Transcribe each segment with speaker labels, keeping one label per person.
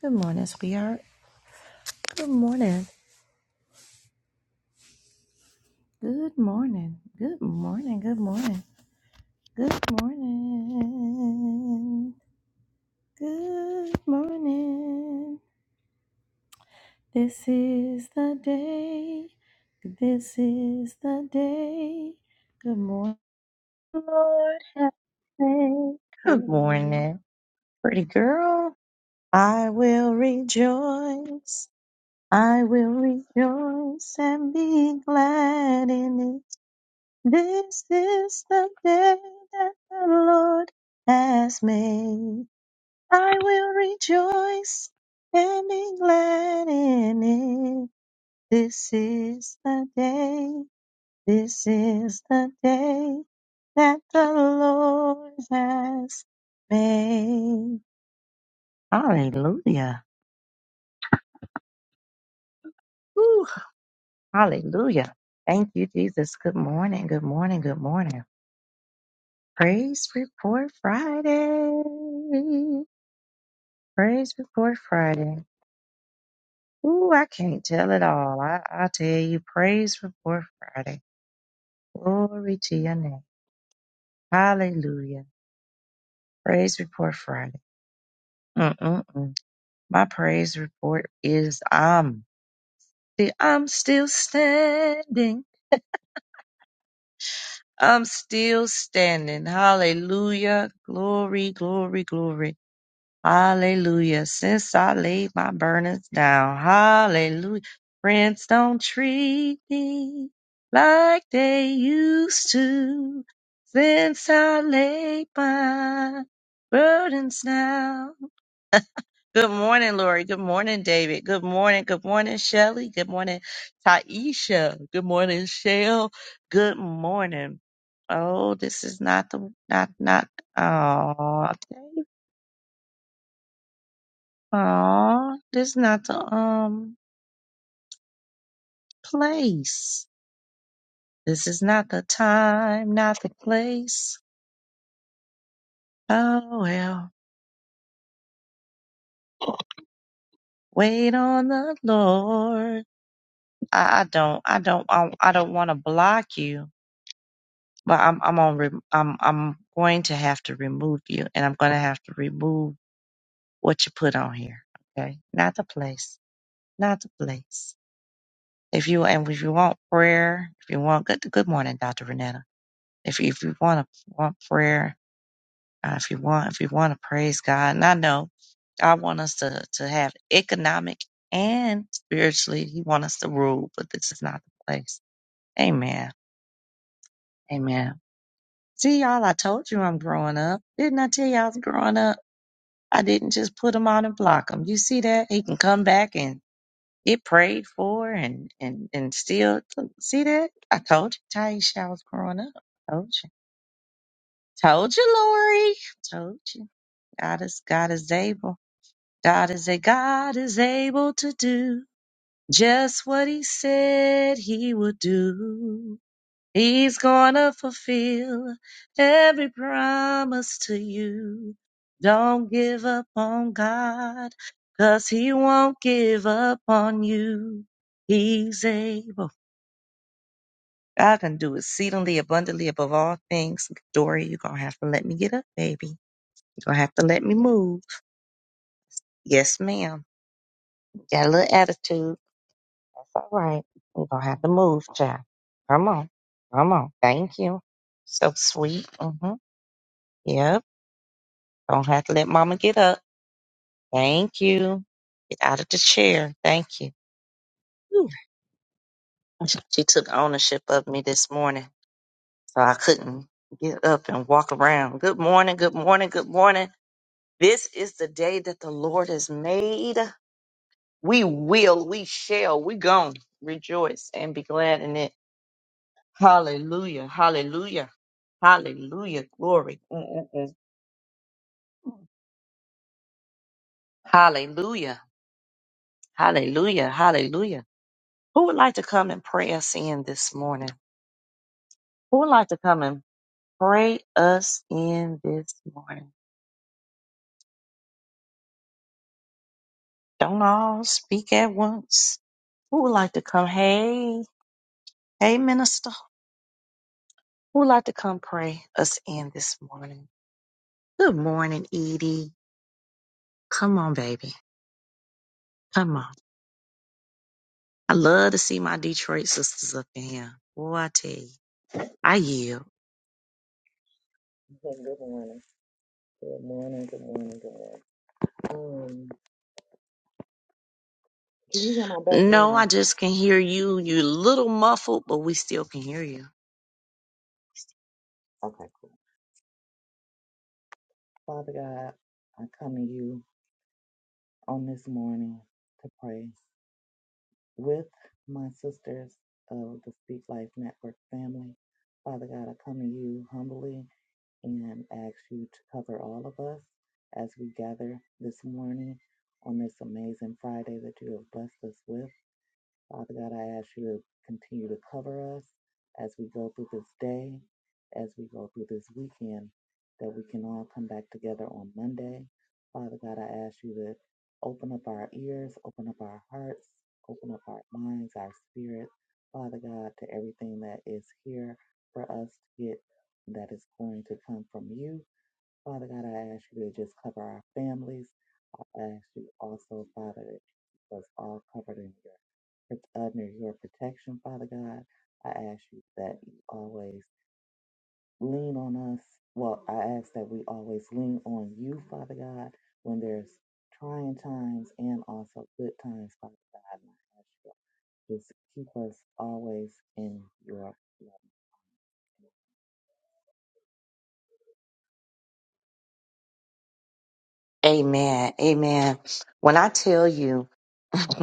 Speaker 1: Good morning, sweetheart. Good morning. Good morning. Good morning. Good morning. Good morning. Good morning. This is the day. This is the day. Good morning. Lord have faith. Good
Speaker 2: Hallelujah.
Speaker 1: morning, pretty girl. I will rejoice. I will rejoice and be glad in it. This is the day that the Lord has made. I will rejoice and be glad in it. This is the day, this is the day that the Lord has made. Hallelujah. Whew, hallelujah. Thank you, Jesus. Good morning, good morning, good morning. Praise Report Friday. Praise Report Friday. Ooh, I can't tell it all. I, I tell you, Praise Report Friday. Glory to your name. Hallelujah. Praise Report Friday. Mm-mm-mm. My praise report is I'm, the- I'm still standing. I'm still standing. Hallelujah. Glory, glory, glory. Hallelujah. Since I laid my burdens down. Hallelujah. Friends don't treat me like they used to. Since I laid my burdens down. Good morning, Lori. Good morning, David. Good morning. Good morning, Shelly. Good morning, Taisha. Good morning, Shell. Good morning. Oh, this is not the, not, not, oh, okay. Oh, this is not the um place. This is not the time, not the place. Oh well, wait on the Lord. I, I don't, I don't, I, I don't want to block you, but I'm, I'm on, re- I'm, I'm going to have to remove you, and I'm going to have to remove what you put on here. Okay, not the place, not the place. If you and if you want prayer, if you want good, good morning, Doctor Renetta. If you, if you want to want prayer Uh, if you want, if you want to praise God, and I know God want us to to have economic and spiritually, He want us to rule, but this is not the place. Amen. Amen. See y'all, I told you I'm growing up. Didn't I tell you I was growing up? I didn't just put him on and block him. You see that? He can come back and get prayed for and and and still see that? I told you, Taisha, I was growing up. Told you. Told you, Lori. Told you. God is God is able. God is a God is able to do just what he said he would do. He's gonna fulfill every promise to you. Don't give up on God, 'cause he won't give up on you. He's able. God can do exceedingly abundantly above all things. Dory, you're gonna have to let me get up, baby. You're gonna have to let me move. Yes, ma'am. Got a little attitude. all right. We're going to have to move, child. Come on. Come on. Thank you. So sweet. Mm-hmm. Yep. Don't have to let mama get up. Thank you. Get out of the chair. Thank you. Whew. She she took ownership of me this morning, so I couldn't get up and walk around. Good morning. Good morning. Good morning. This is the day that the Lord has made. We will, we shall, we gon' rejoice and be glad in it. Hallelujah. Hallelujah. Hallelujah. Glory. Mm-mm-mm. Hallelujah. Hallelujah. Hallelujah. Who would like to come and pray us in this morning? Who would like to come and pray us in this morning? Don't all speak at once. Who would like to come? Hey, hey, minister. Who would like to come pray us in this morning? Good morning, Edie. Come on, baby. Come on. I love to see my Detroit sisters up in here. What I tell you. I yield.
Speaker 3: Okay, Good morning. Good morning. Good morning. Good morning. Um, can you hear my
Speaker 1: No, I
Speaker 3: background?
Speaker 1: just can hear you. You little muffled, but we still can hear you.
Speaker 3: Okay, cool. Father God, I come to you on this morning to pray with my sisters of the Speak Life Network family. Father God, I come to you humbly and ask you to cover all of us as we gather this morning on this amazing Friday that you have blessed us with. Father God, I ask you to continue to cover us as we go through this day, as we go through this weekend, that we can all come back together on Monday. Father God, I ask you to open up our ears, open up our hearts, open up our minds, our spirit, Father God, to everything that is here for us to get that is going to come from you. Father God, I ask you to just cover our families. I ask you also, Father, that you keep us all covered in your it's under your protection, Father God. I ask you that you always lean on us. Well, I ask that we always lean on you, Father God, when there's trying times and also good times, Father God. And I ask you just keep us always in your love.
Speaker 1: Amen. Amen. When I tell you,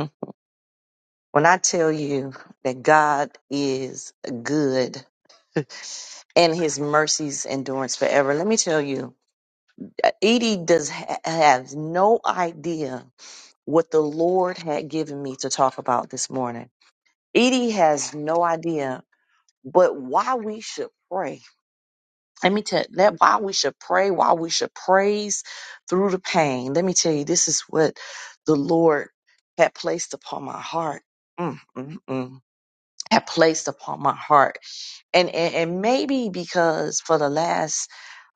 Speaker 1: when I tell you that God is good and his mercies endurance forever, let me tell you, Edie does ha- have no idea what the Lord had given me to talk about this morning. Edie has no idea, but why we should pray. Let me tell that why we should pray, why we should praise through the pain. Let me tell you, this is what the Lord had placed upon my heart. Mm, mm, mm. Had placed upon my heart, and, and and maybe because for the last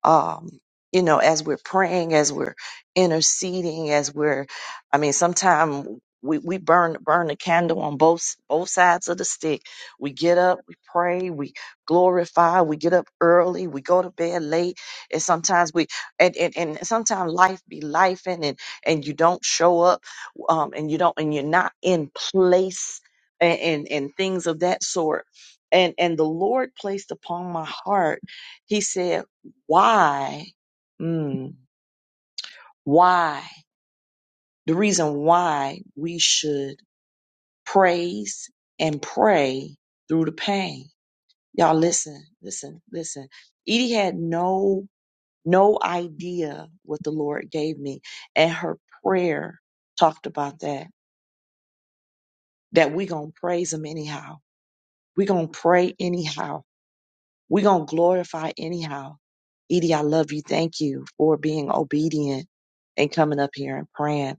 Speaker 1: um, you know, as we're praying, as we're interceding, as we're, I mean, sometimes we, we burn burn the candle on both both sides of the stick. We get up, we pray, we glorify, we get up early, we go to bed late, and sometimes we and and, and sometimes life be life and and you don't show up, um, and you don't and you're not in place and and, and things of that sort. And and the Lord placed upon my heart, He said why, mm, why, the reason why we should praise and pray through the pain. Y'all listen, listen, listen. Edie had no, no idea what the Lord gave me. And her prayer talked about that, that we going to praise him anyhow. we going to pray anyhow We're going to glorify anyhow. Edie, I love you. Thank you for being obedient and coming up here and praying.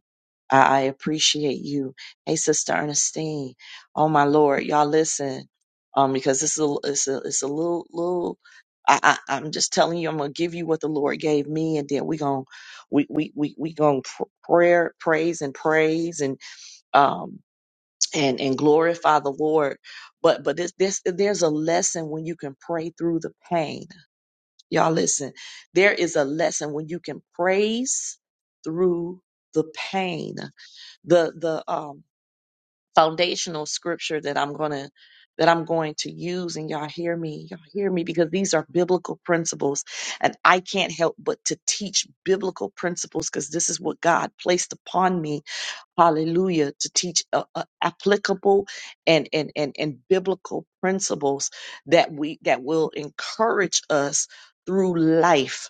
Speaker 1: I, I appreciate you. Hey, Sister Ernestine. Oh my Lord, y'all listen, um, because this is a, it's a, it's a little, little. I, I, I'm just telling you, I'm gonna give you what the Lord gave me, and then we gonna, we, we, we, we gonna pr- prayer, praise, and praise, and um, and and glorify the Lord. But but this this there's a lesson when you can pray through the pain. Y'all listen. There is a lesson when you can praise through the pain. The the um foundational scripture that I'm gonna that I'm going to use and y'all hear me, y'all hear me because these are biblical principles and I can't help but to teach biblical principles because this is what God placed upon me hallelujah to teach uh, uh, applicable and, and and and biblical principles that we that will encourage us through life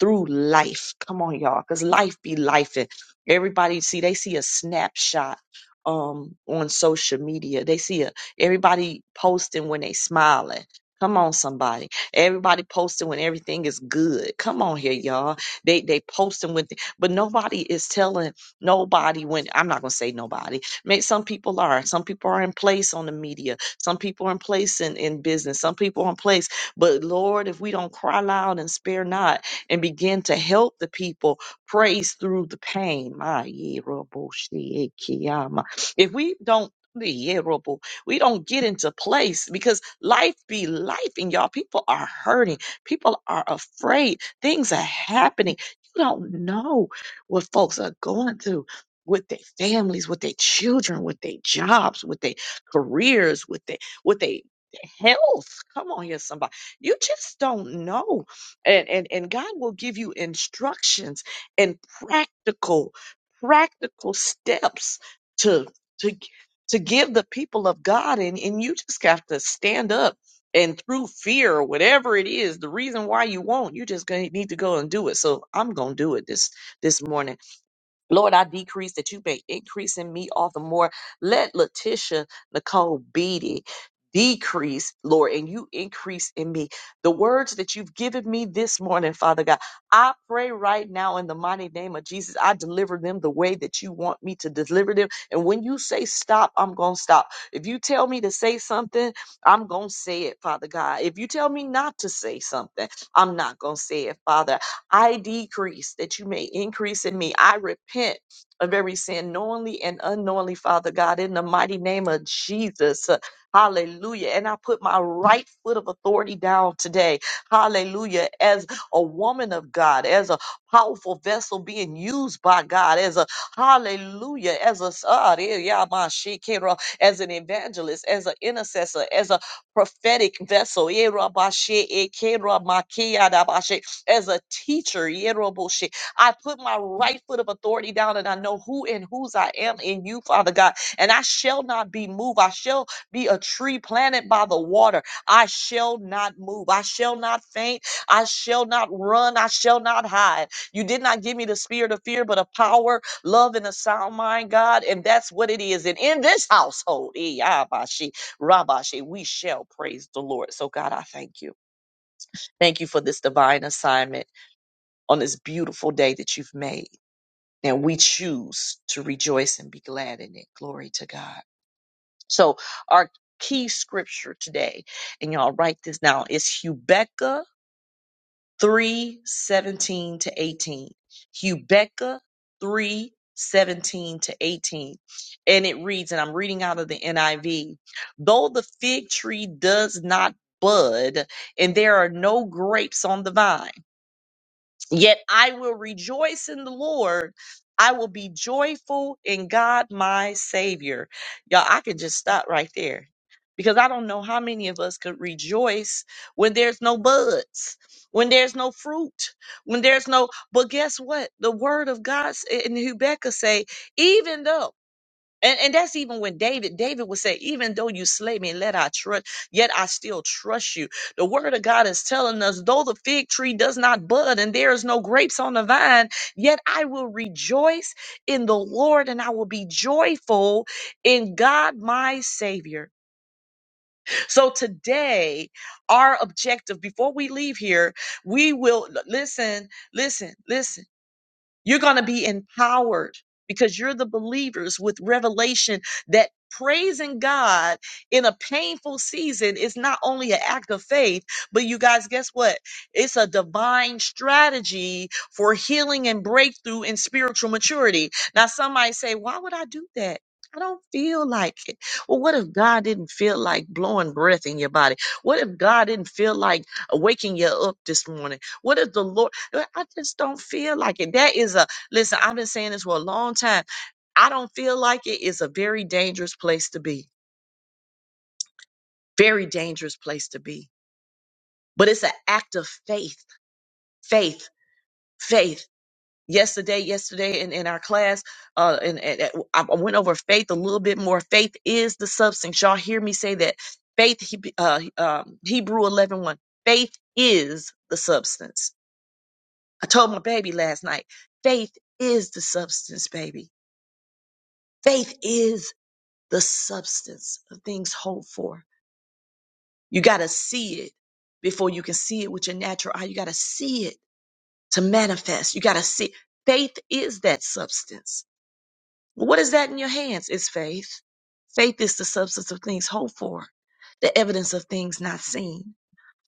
Speaker 1: through life. Come on, y'all, because life be life. And everybody see they see a snapshot um on social media. They see a everybody posting when they smiling. Come on, somebody. Everybody posting when everything is good. Come on here, y'all. They they posting with, but nobody is telling nobody when. I'm not gonna say nobody. May some people are. Some people are in place on the media. Some people are in place in in business. Some people are in place. But Lord, if we don't cry loud and spare not, and begin to help the people praise through the pain. Ah, yeah, rubble, shit, kiyama. If we don't yeah, rubble, we don't get into place because life be life and y'all people are hurting. People are afraid. Things are happening. You don't know what folks are going through with their families, with their children, with their jobs, with their careers, with their with their health. Come on here, somebody. You just don't know and and and God will give you instructions and practical practical steps to to to give the people of God and and you just have to stand up and through fear or whatever it is the reason why you won't you just going to need to go and do it so I'm going to do it this this morning Lord, I decrease that you may increase in me all the more. Let Letitia Nicole Beatty decrease, Lord, and you increase in me. The words that you've given me this morning, Father God, I pray right now in the mighty name of Jesus, I deliver them the way that you want me to deliver them. And when you say stop, I'm going to stop. If you tell me to say something, I'm going to say it, Father God. If you tell me not to say something, I'm not going to say it, Father. I decrease that you may increase in me. I repent of every sin, knowingly and unknowingly, Father God, in the mighty name of Jesus. Uh, Hallelujah. And I put my right foot of authority down today. Hallelujah. As a woman of God, as a powerful vessel being used by God, as a hallelujah, as a ah, there, yeah, my shit, can't wrong, as an evangelist, as an intercessor, as a prophetic vessel. eh, rabba, shit, eh, can't wrong, my key, ah, da, ba, shit as a teacher, Yeroboshi. I put my right foot of authority down and I know who and whose I am in you, Father God. And I shall not be moved. I shall be a tree planted by the water. I shall not move. I shall not faint. I shall not run. I shall not hide. You did not give me the spirit of fear, but of power, love, and a sound mind, God. And that's what it is. And in this household, eh, Yabashi, Rabashi, we shall praise the Lord. So, God, I thank you. Thank you for this divine assignment on this beautiful day that you've made. And we choose to rejoice and be glad in it. Glory to God. So our key scripture today, and y'all write this down, is Hubecca 3 17 to 18. Hubecca 3 17 to 18. And it reads, and I'm reading out of the NIV, though the fig tree does not bud and there are no grapes on the vine Yet I will rejoice in the Lord. I will be joyful in God my Savior. Y'all, I can just stop right there because I don't know how many of us could rejoice when there's no buds, when there's no fruit, when there's no, but guess what? The word of God s- in Rebecca say, even though and, and that's even when David, David would say, even though you slay me, let I trust, yet I still trust you. The word of God is telling us, though the fig tree does not bud and there is no grapes on the vine, yet I will rejoice in the Lord and I will be joyful in God, my savior. So today, our objective before we leave here, we will listen, listen, listen. You're going to be empowered because you're the believers with revelation that praising God in a painful season is not only an act of faith, but you guys, guess what? It's a divine strategy for healing and breakthrough in spiritual maturity. Now, somebody say, why would I do that? I don't feel like it. Well, what if God didn't feel like blowing breath in your body? What if God didn't feel like waking you up this morning? What is the Lord? I just don't feel like it. That is a listen, I've been saying this for a long time. I don't feel like It's a very dangerous place to be. Very dangerous place to be. But it's an act of faith, faith, faith. Yesterday, yesterday in, in our class, uh, and, and and I I went over faith a little bit more. Faith is the substance. Y'all hear me say that. Faith, Heb- uh, um, Hebrew 11, Faith is the substance. I told my baby last night, faith is the substance, baby. Faith is the substance of things hoped for. You got to see it before you can see it with your natural eye. You got to see it to manifest. You got to see. Faith is that substance. What is that in your hands? It's faith. Faith is the substance of things hoped for, the evidence of things not seen.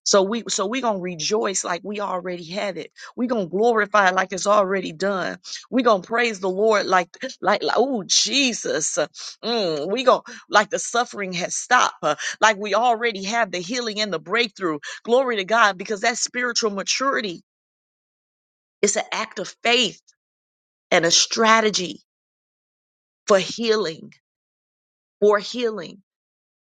Speaker 1: So we so we're gonna rejoice like we already have it. We're gonna glorify it like it's already done. We're gonna praise the Lord like like, like oh Jesus. Mm, we gonna like the suffering has stopped, uh, like we already have the healing and the breakthrough. Glory to God, because that's spiritual maturity. It's an act of faith and a strategy for healing, for healing.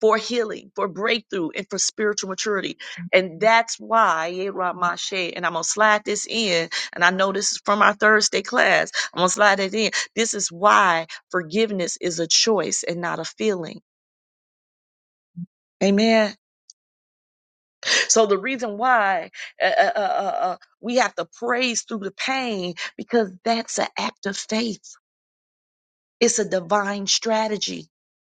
Speaker 1: for healing, for breakthrough, and for spiritual maturity. And that's why, yeah, Ramashe, and I'm going to slide this in. And I know this is from our Thursday class. I'm going to slide it in. This is why forgiveness is a choice and not a feeling. Amen. So the reason why uh, uh, uh, uh, uh, we have to praise through the pain because that's an act of faith. It's a divine strategy.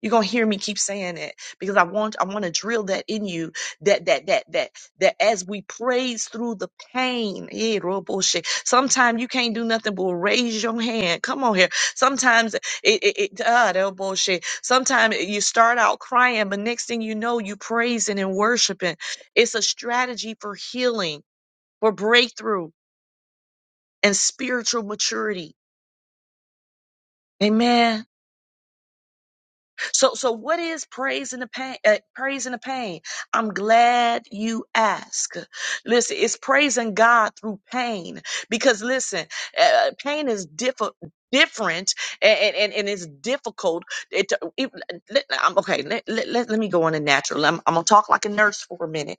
Speaker 1: You're gonna hear me keep saying it because I want I want to drill that in you that that that that that as we praise through the pain, yeah, real bullshit. Sometimes you can't do nothing but raise your hand. Come on here. Sometimes it it, it uh, that bullshit. Sometimes you start out crying, but next thing you know, you praising and worshiping. It's a strategy for healing, for breakthrough, and spiritual maturity. Amen. So, so what is praise in the pain? Uh, praise in the pain. I'm glad you ask. Listen, it's praising God through pain because listen, uh, pain is different. Different and, and, and it's difficult. It, it, let- I'm okay. Let, let, let, me go on a natural. I'm, I'm gonna talk like a nurse for a minute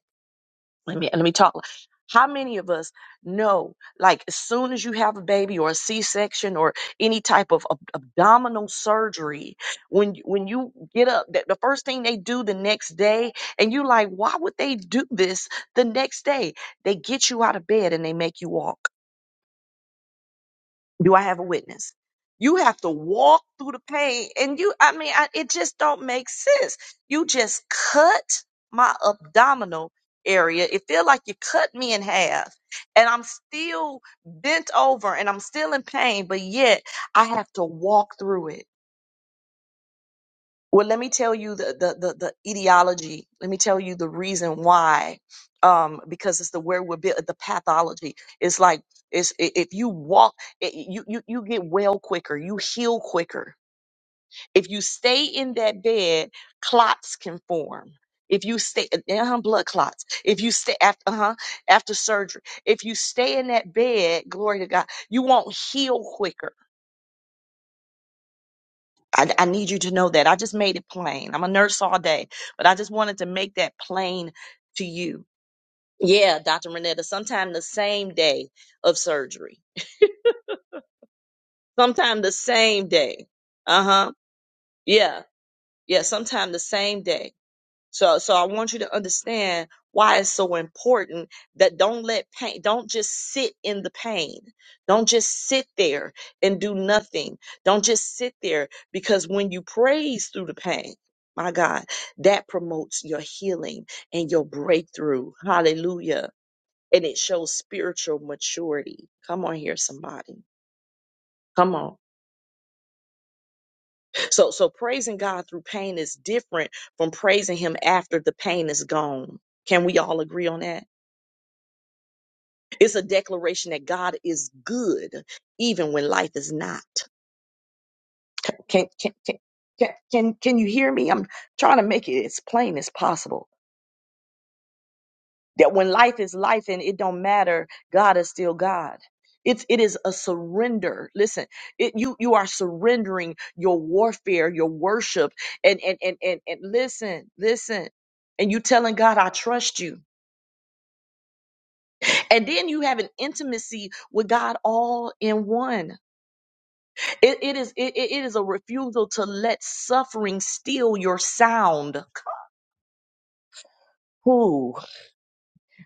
Speaker 1: let me let me talk. How many of us know, like, as soon as you have a baby or a C-section or any type of ab- abdominal surgery, when you- when you get up, that the first thing they do the next day, and you like, why would they do this the next day? They get you out of bed and they make you walk. Do I have a witness? You have to walk through the pain, and you—I mean, I, it just don't make sense. You just cut my abdominal area. It feel like you cut me in half, and I'm still bent over, and I'm still in pain, but yet I have to walk through it. Well, let me tell you the the the, the etiology. Let me tell you the reason why. Um, because it's the where we're built, the pathology. It's like it's i- if you walk, i- you you you get well quicker, you heal quicker. If you stay in that bed, clots can form. If you stay, uh blood clots. If you stay after, uh-huh, after surgery, if you stay in that bed, glory to God, you won't heal quicker I, I need you to know that. I just made it plain. I'm a nurse all day, but I just wanted to make that plain to you. Yeah, Dr. Renetta, sometime the same day of surgery. Sometime the same day. Uh huh. Yeah. Yeah. Sometime the same day. So, so I want you to understand why it's so important that don't let pain, don't just sit in the pain. Don't just sit there and do nothing. Don't just sit there because when you praise through the pain, my God, that promotes your healing and your breakthrough. Hallelujah. And it shows spiritual maturity. Come on here, somebody. Come on. So, so praising God through pain is different from praising Him after the pain is gone. Can we all agree on that? It's a declaration that God is good even when life is not. Can can can can can can you hear me? I'm trying to make it as plain as possible that when life is life and it don't matter, God is still God. It's it is a surrender. Listen, it, you you are surrendering your warfare, your worship, and and and and and listen, listen, and you telling God, I trust you. And then you have an intimacy with God all in one. It, is it, is it it is a refusal to let suffering steal your sound. Who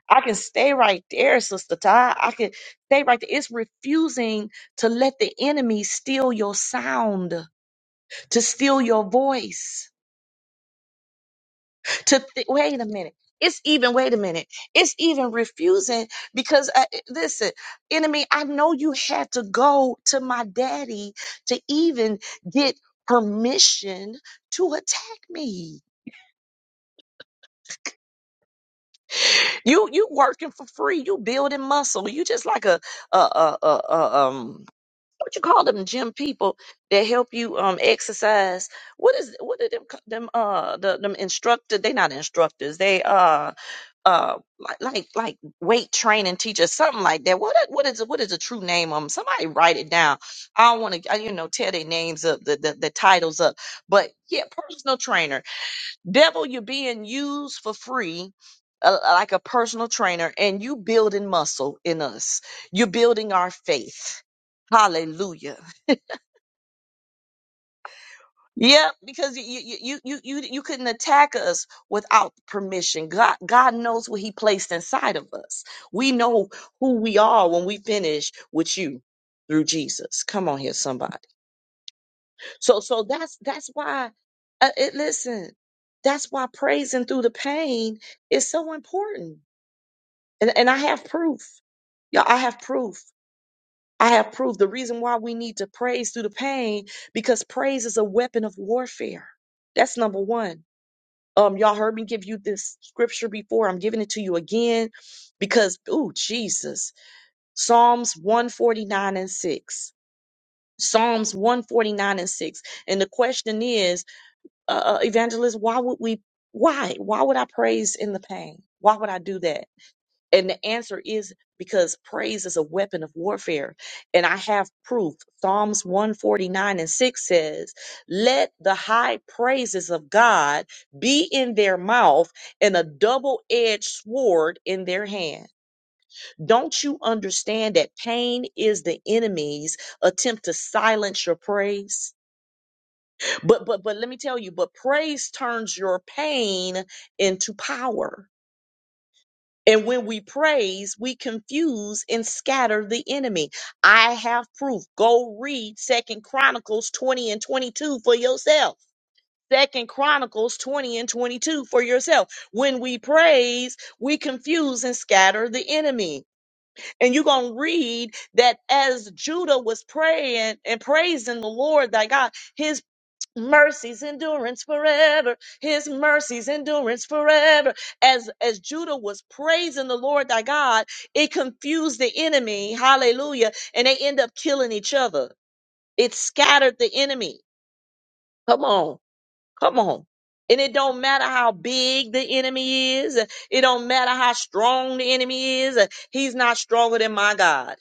Speaker 1: I can stay right there, Sister Ty. I can stay right there. It's refusing to let the enemy steal your sound, to steal your voice. To thi- wait a minute. It's even wait a minute. It's even refusing because uh, listen, enemy. I know you had to go to my daddy to even get permission to attack me You you working for free. You building muscle. You just like a a a, a, a um what you call them gym people that help you um exercise. What is what are them co- them uh the, them instructor? They not instructors. They uh uh like like like weight training teachers, something like that. What are- what is what is the true name of them? Somebody write it down. I don't want to you know tear their names up, the, the the titles up. But yeah, personal trainer Devil, you're being used for free. uh, Like a personal trainer, and you building muscle in us. You're building our faith. Hallelujah. Yep, because you you you you you couldn't attack us without permission. God God knows what He placed inside of us. We know who we are when we finish with you through Jesus. Come on here, somebody. So so that's that's why. Uh, it, listen, that's why praising through the pain is so important. And, and I have proof. Y'all, I have proof. I have proof. The reason why we need to praise through the pain, because praise is a weapon of warfare. That's number one. Um, y'all heard me give you this scripture before. I'm giving it to you again because, ooh, Jesus. Psalms 149 and 6. Psalms 149 and 6. And the question is, uh, uh, evangelist, why would we, why? Why would I praise in the pain? Why would I do that? And the answer is because praise is a weapon of warfare. And I have proof. Psalms 149 and 6 says, Let the high praises of God be in their mouth and a double edged sword in their hand. Don't you understand that pain is the enemy's attempt to silence your praise? But but but let me tell you, but praise turns your pain into power And when we praise, we confuse and scatter the enemy. I have proof. Go read Second Chronicles 20 and 22 for yourself. Second Chronicles 20 and 22 for yourself. When we praise, we confuse and scatter the enemy. And you're going to read that as Judah was praying and praising the Lord thy God, His mercies endurance forever his mercies endurance forever as as judah was praising the lord thy god it confused the enemy hallelujah and they end up killing each other it scattered the enemy come on Come on. And it don't matter how big the enemy is. It don't matter how strong the enemy is. He's not stronger than my God.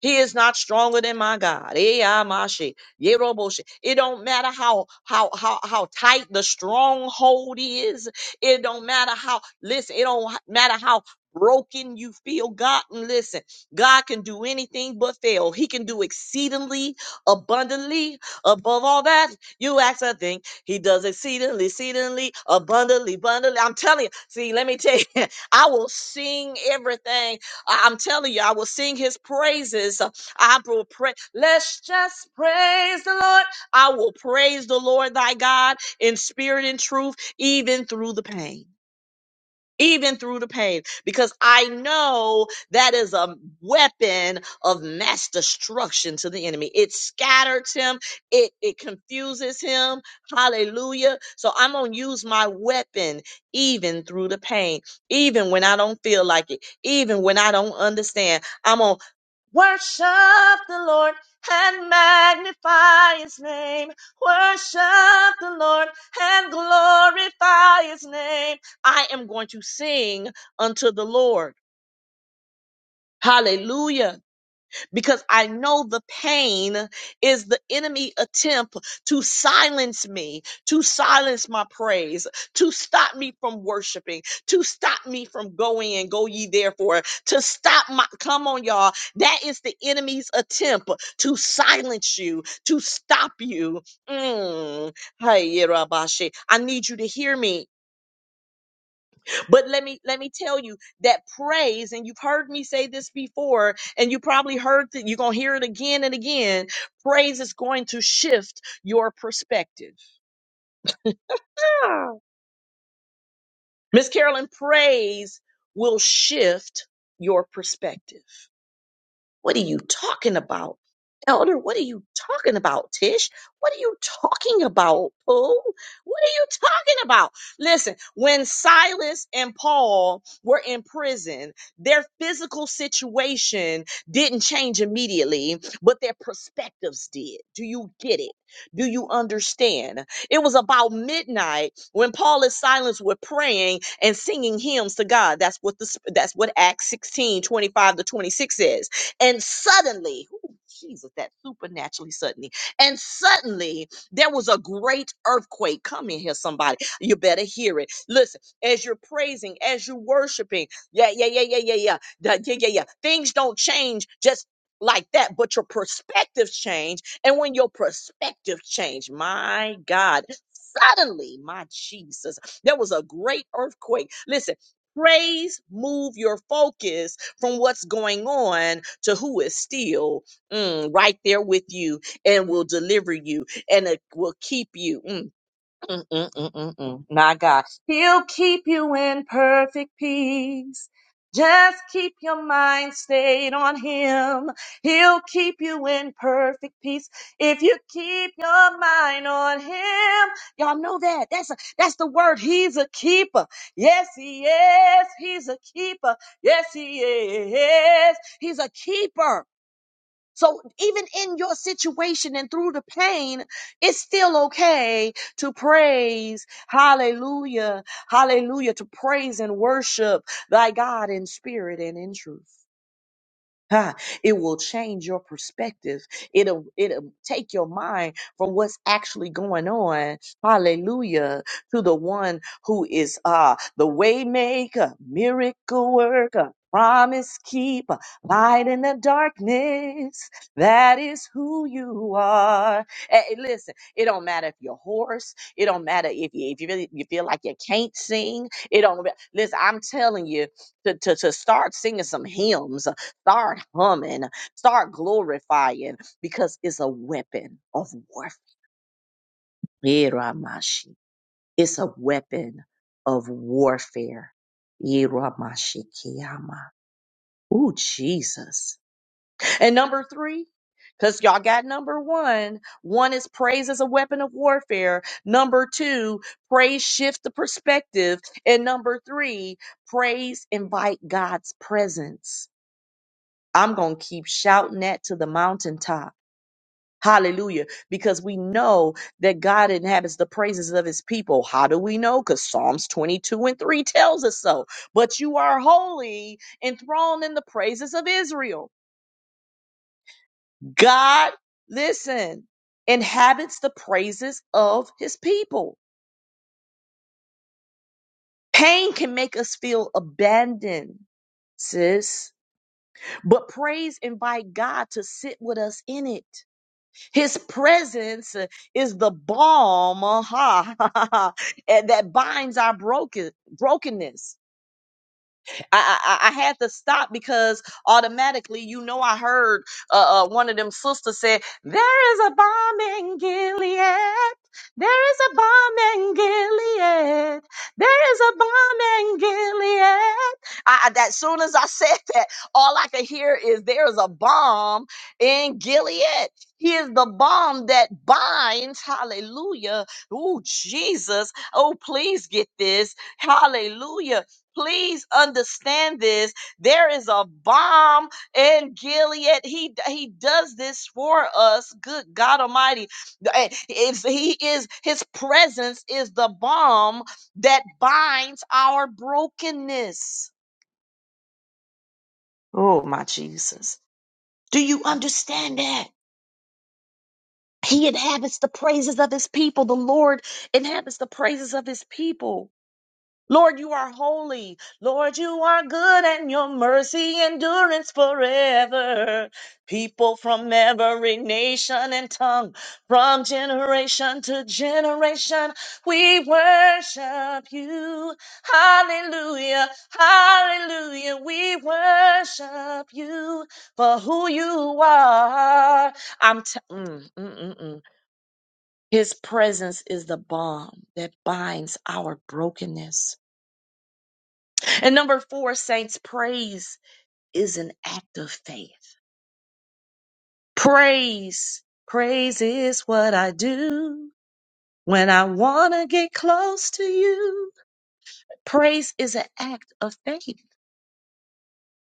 Speaker 1: He is not stronger than my God. Eh, ah, my shit. Yeah, robo shit. It don't matter how how how how tight the stronghold is. It don't matter how listen, it don't matter how broken you feel. God, and listen, God can do anything but fail. He can do exceedingly abundantly above all that you ask a thing he does exceedingly, exceedingly, abundantly, abundantly. I'm telling you. See, let me tell you, I will sing everything. I- I'm telling you, I will sing his praises. Uh, I will pray. Let's just praise the Lord. I will praise the Lord thy God in spirit and truth, even through the pain even through the pain, because I know that is a weapon of mass destruction to the enemy. It scatters him, it, it confuses him. Hallelujah. So I'm going to use my weapon even through the pain, even when I don't feel like it, even when I don't understand. I'm going to worship the Lord. And magnify his name, worship the Lord and glorify his name. I am going to sing unto the Lord. Hallelujah. Because I know the pain is the enemy attempt to silence me, to silence my praise, to stop me from worshiping, to stop me from going and go ye therefore, to stop my, come on y'all. That is the enemy's attempt to silence you, to stop you. Mm. Hey, Yerabashe, I need you to hear me. But let me let me tell you that praise, and you've heard me say this before, and you probably heard that you're gonna hear it again and again. Praise is going to shift your perspective. Miss Carolyn, praise will shift your perspective. What are you talking about? Elder, what are you talking about? Tish, what are you talking about? Paul, what are you talking about? Listen, when Silas and Paul were in prison, their physical situation didn't change immediately, but their perspectives did. Do you get it? Do you understand? It was about midnight when Paul and Silas were praying and singing hymns to God. That's what the that's what Acts 16 25 to 26 says and suddenly, ooh, Jesus, that supernaturally suddenly, and suddenly there was a great earthquake. Come in here, somebody. You better hear it. Listen, as you're praising, as you're worshiping, yeah, yeah, yeah, yeah, yeah, yeah, da- yeah, yeah, yeah. Things don't change just like that, but your perspectives change. And when your perspective change, my God, suddenly, my Jesus, there was a great earthquake. Listen, praise move your focus from what's going on to who is still mm, right there with you and will deliver you and it will keep you. Mm, Mm, mm, mm, mm, mm. My God, He'll keep you in perfect peace. Just keep your mind stayed on Him. He'll keep you in perfect peace if you keep your mind on Him. Y'all know that. That's a, that's the word. He's a keeper. Yes, He is. He's a keeper. Yes, He is. He's a keeper. So even in your situation and through the pain, it's still okay to praise. Hallelujah. Hallelujah. To praise and worship thy God in spirit and in truth. Ha, it will change your perspective. It'll it'll take your mind from what's actually going on, hallelujah, to the one who is uh the waymaker, miracle worker, promise keeper, light in the darkness. That is who you are. Hey, listen, it don't matter if you're hoarse, it don't matter if you if you really you feel like you can't sing, it don't ma- listen, I'm telling you to, to, to start singing some hymns Start humming, start glorifying, because it's a weapon of warfare. Iramashi. It's a weapon of warfare. Iramashikiyama. Ooh, Jesus. And number three, because y'all got number one. One is praise as a weapon of warfare. Number two, praise shift the perspective. And number three, praise invite God's presence. I'm going to keep shouting that to the mountaintop Hallelujah. Because we know that God inhabits the praises of his people. How do we know? Because Psalms 22 and 3 tells us so. But you are holy, enthroned in the praises of Israel. God, listen, inhabits the praises of his people. Pain can make us feel abandoned, sis. But praise invite God to sit with us in it. His presence is the balm uh, and that binds our broken brokenness. I, I, I had to stop because automatically, you know, I heard uh, uh, one of them sisters say, There is a bomb in Gilead. There is a bomb in Gilead. There is a bomb in Gilead. I, I- that soon as I said that, all I could hear is there is a bomb in Gilead. He is the bomb that binds. Hallelujah. Oh, Jesus. Oh, please get this. Hallelujah Please understand this. There is a bomb in Gilead. He he does this for us. Good God Almighty. If he is his presence is the bomb that binds our brokenness. Oh my Jesus. Do you understand that? He inhabits the praises of his people. The Lord inhabits the praises of his people. Lord, you are holy. Lord, you are good and your mercy endurance forever. People from every nation and tongue, from generation to generation, we worship you. Hallelujah, hallelujah, we worship you for who you are. I'm t- mm, mm, mm, mm. His presence is the balm that binds our brokenness. And number four, saints, praise is an act of faith. Praise, praise is what I do when I want to get close to you. Praise is an act of faith. you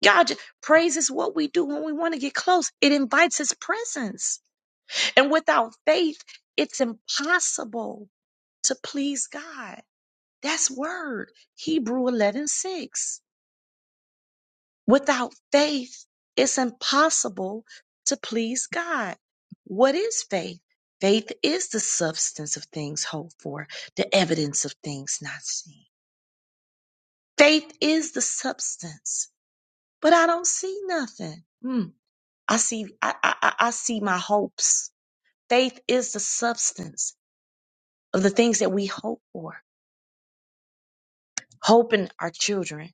Speaker 1: God, praise is what we do when we want to get close. It invites his presence. And without faith, it's impossible to please God. That's word, Hebrew eleven six. Without faith, it's impossible to please God. What is faith? Faith is the substance of things hoped for, the evidence of things not seen. Faith is the substance, but I don't see nothing. Hmm. I see, I, I, I I see my hopes. Faith is the substance of the things that we hope for. Hope in our children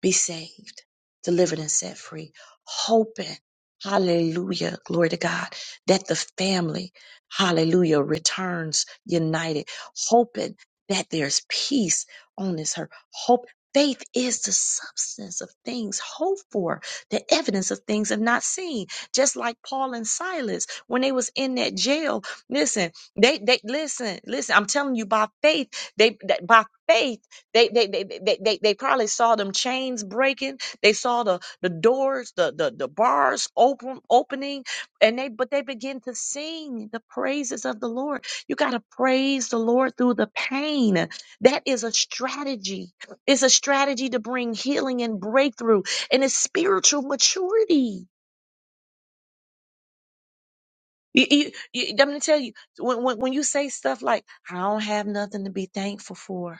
Speaker 1: be saved, delivered, and set free, hoping, hallelujah, glory to God, that the family, hallelujah, returns united, hoping that there's peace on this earth. Hope, faith is the substance of things hoped for, the evidence of things are not seen. Just like Paul and Silas, when they was in that jail, listen, they, they, listen, listen, I'm telling you by faith, they, that by faith, they they, they they they they probably saw them chains breaking. They saw the the doors, the the, the bars open opening, and they but they begin to sing the praises of the Lord. You gotta praise the Lord through the pain. That is a strategy. It's a strategy to bring healing and breakthrough, and it's spiritual maturity. You, you, you, I'm gonna tell you when, when when you say stuff like "I don't have nothing to be thankful for,"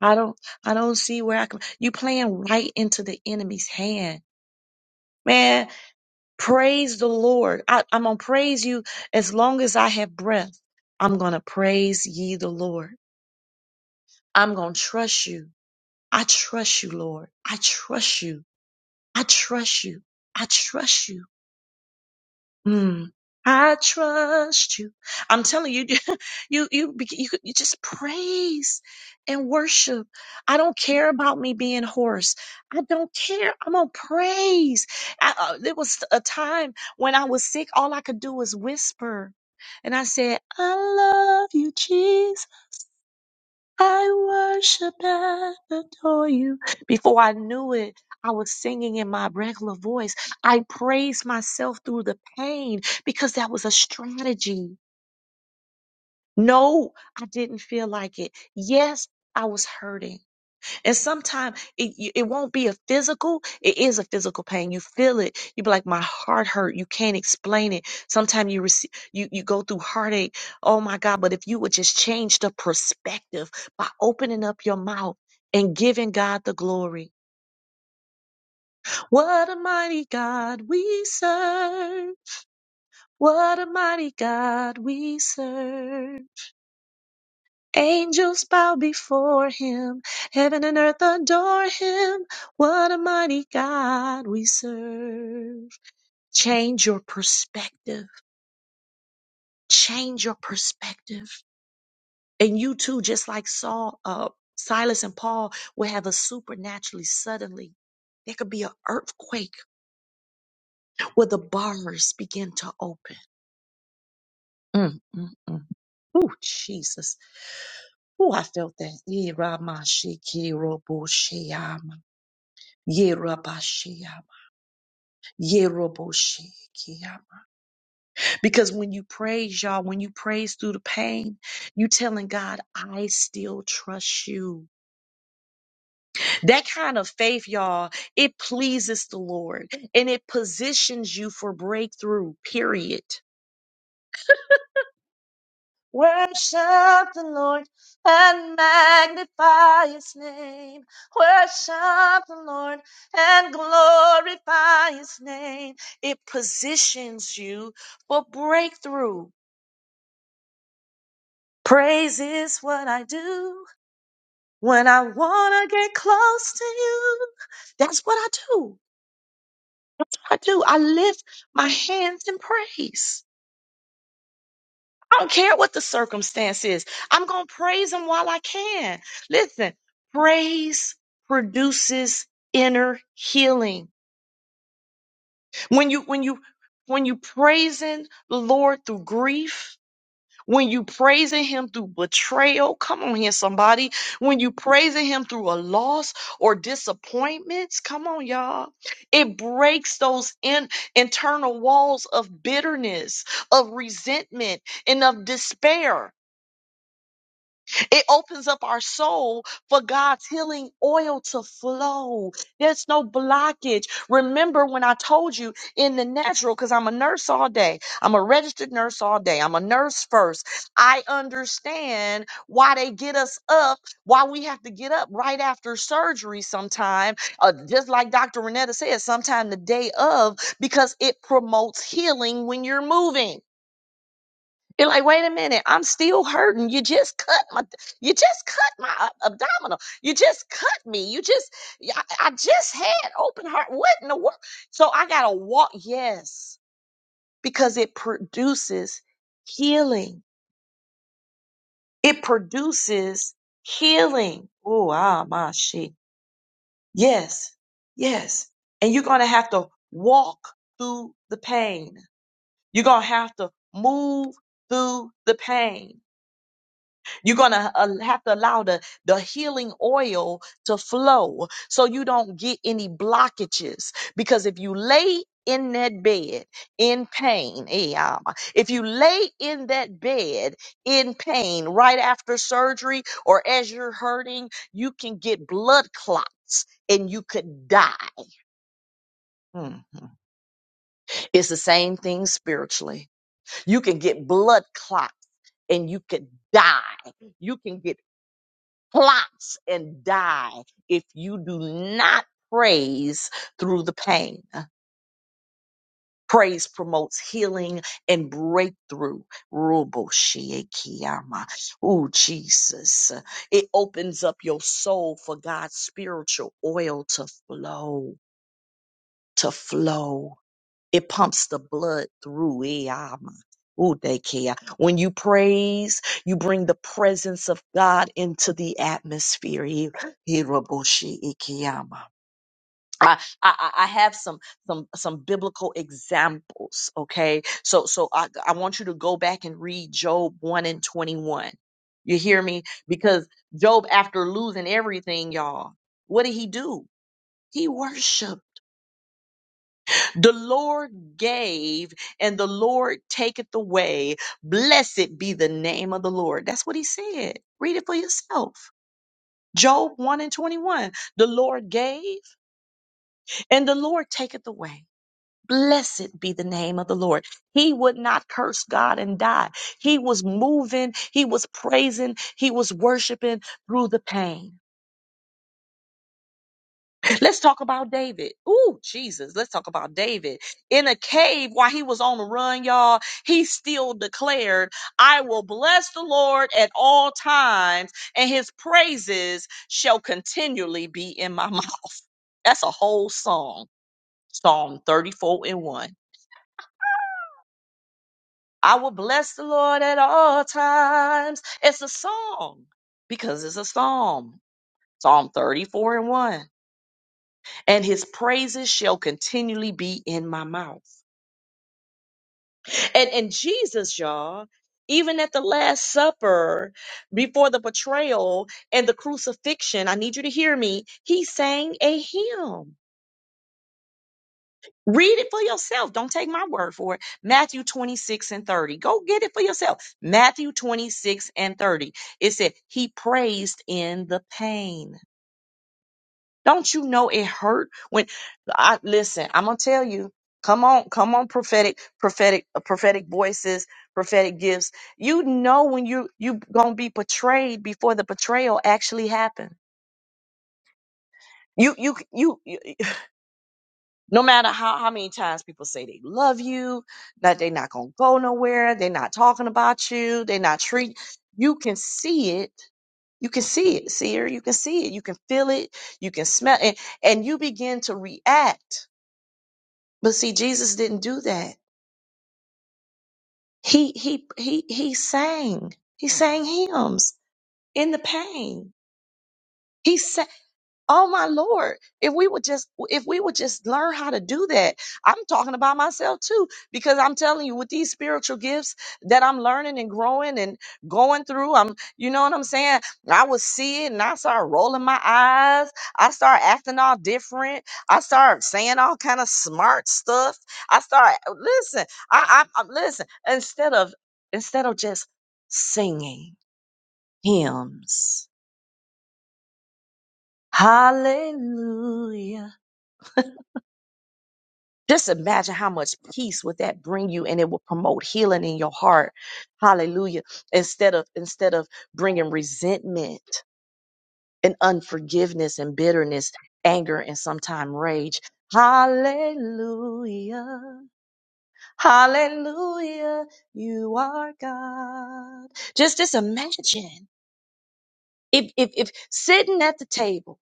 Speaker 1: I don't I don't see where I can you playing right into the enemy's hand. Man, praise the Lord. I, I'm gonna praise you as long as I have breath. I'm gonna praise ye the Lord. I'm gonna trust you. I trust you, Lord. I trust you. I trust you. I trust you. Mm. I trust you. I'm telling you, you, you, be- you, you just praise and worship. I don't care about me being hoarse. I don't care. I'm going to praise. I, uh, there was a time when I was sick. All I could do was whisper. And I said, I love you, Jesus. I worship and adore you. Before I knew it, I was singing in my regular voice. I praised myself through the pain because that was a strategy. No, I didn't feel like it. Yes, I was hurting. And sometimes it it won't be a physical. It is a physical pain. You feel it. You be like, my heart hurt. You can't explain it. Sometimes you receive you you go through heartache. Oh my God! But if you would just change the perspective by opening up your mouth and giving God the glory, what a mighty God we serve! What a mighty God we serve! Angels bow before him, heaven and earth adore him. What a mighty God we serve. Change your perspective. Change your perspective. And you too, just like Saul, uh, Silas and Paul will have a supernaturally suddenly. There could be an earthquake where the bars begin to open. Mm, mm, mm. Oh, Jesus. Oh, I felt that. Yirabashiki roboshiyama. Ye Rabashiyama. Yeroboshikia. Because when you praise, y'all, when you praise through the pain, you telling God, I still trust you. That kind of faith, y'all, it pleases the Lord and it positions you for breakthrough, period. Worship the Lord and magnify his name. Worship the Lord and glorify his name. It positions you for breakthrough. Praise is what I do when I want to get close to you. That's what I do. I do. I lift my hands in praise. I don't care what the circumstance is. I'm going to praise him while I can. Listen, praise produces inner healing. When you, when you, when you praising the Lord through grief, When you praising him through betrayal, come on here, somebody. When you praising him through a loss or disappointments, come on, y'all. It breaks those in, internal walls of bitterness, of resentment, and of despair. It opens up our soul for God's healing oil to flow. There's no blockage. Remember when I told you in the natural, because I'm a nurse all day, I'm a registered nurse all day, I'm a nurse first. I understand why they get us up, why we have to get up right after surgery sometime. Uh, just like Dr. Renetta said, sometime the day of, because it promotes healing when you're moving. You're like, wait a minute, I'm still hurting. You just cut my, you just cut my ab- abdominal. You just cut me. You just, yeah, I I just had open heart. What in the world? So I gotta walk. Yes, because it produces healing. It produces healing. Oh, ah, my shit. Yes, yes. And you're gonna have to walk through the pain. You're gonna have to move through the pain You're going to have to allow the, the healing oil to flow so you don't get any blockages. Because if you lay in that bed in pain, eh, um, if you lay in that bed in pain right after surgery or as you're hurting, you can get blood clots and you could die. Mhm. It's the same thing spiritually. You can get blood clots and you could die. You can get plots and die if you do not praise through the pain. Praise promotes healing and breakthrough. Ruboshiyekiyama. oh Jesus. It opens up your soul for God's spiritual oil to flow, to flow. It pumps the blood through. eh, ah, ma. Ooh, they care. When you praise, you bring the presence of God into the atmosphere. eh, eh, raboshi, eh, kia, ma. I, I, I I have some some some biblical examples, okay? So so I, I want you to go back and read Job 1 and 21. You hear me? Because Job, after losing everything, y'all, what did he do? He worshiped. The Lord gave and the Lord taketh away. Blessed be the name of the Lord. That's what he said. Read it for yourself. Job 1 and 21. The Lord gave and the Lord taketh away. Blessed be the name of the Lord. He would not curse God and die. He was moving, he was praising, he was worshiping through the pain. Let's talk about David. Ooh, Jesus. Let's talk about David. In a cave while he was on the run, y'all, he still declared, I will bless the Lord at all times, and his praises shall continually be in my mouth. That's a whole song, Psalm 34 and 1. I will bless the Lord at all times. It's a song because it's a psalm, Psalm 34 and 1. and his praises shall continually be in my mouth. And and Jesus, y'all, even at the Last Supper, before the betrayal and the crucifixion, I need you to hear me. He sang a hymn. Read it for yourself. Don't take my word for it. Matthew 26 and 30. Go get it for yourself. Matthew 26 and 30. It said, He praised in the pain. Don't you know it hurt when I listen, I'm gonna tell you. Come on, come on, prophetic, prophetic, uh, prophetic voices, prophetic gifts. You know when you you gonna be betrayed before the betrayal actually happened. You you you, you no matter how, how many times people say they love you, that they're not gonna go nowhere, they're not talking about you, they're not treat you can see it. You can see it, seer. You can see it. You can feel it. You can smell it. And you begin to react But see, Jesus didn't do that. He he he he sang. He sang hymns in the pain. He sang. Oh my Lord, if we would just if we would just learn how to do that. I'm talking about myself too because I'm telling you with these spiritual gifts that I'm learning and growing and going through, I'm you know what I'm saying? I would see it and I start rolling my eyes. I start acting all different. I start saying all kind of smart stuff. I start listen. I I, I listen instead of instead of just singing hymns. Hallelujah. Just imagine how much peace would that bring you and it will promote healing in your heart. Hallelujah. Instead of instead of bringing resentment and unforgiveness and bitterness, anger and sometimes rage. Hallelujah. Hallelujah. You are God. Just just imagine if if if sitting at the table,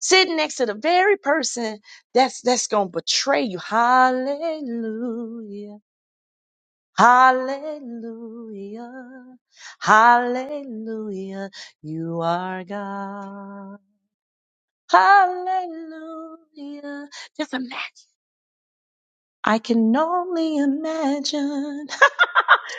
Speaker 1: sitting next to the very person that's that's going to betray you. Hallelujah. Hallelujah. Hallelujah. You are God. Hallelujah. Just imagine. I can only imagine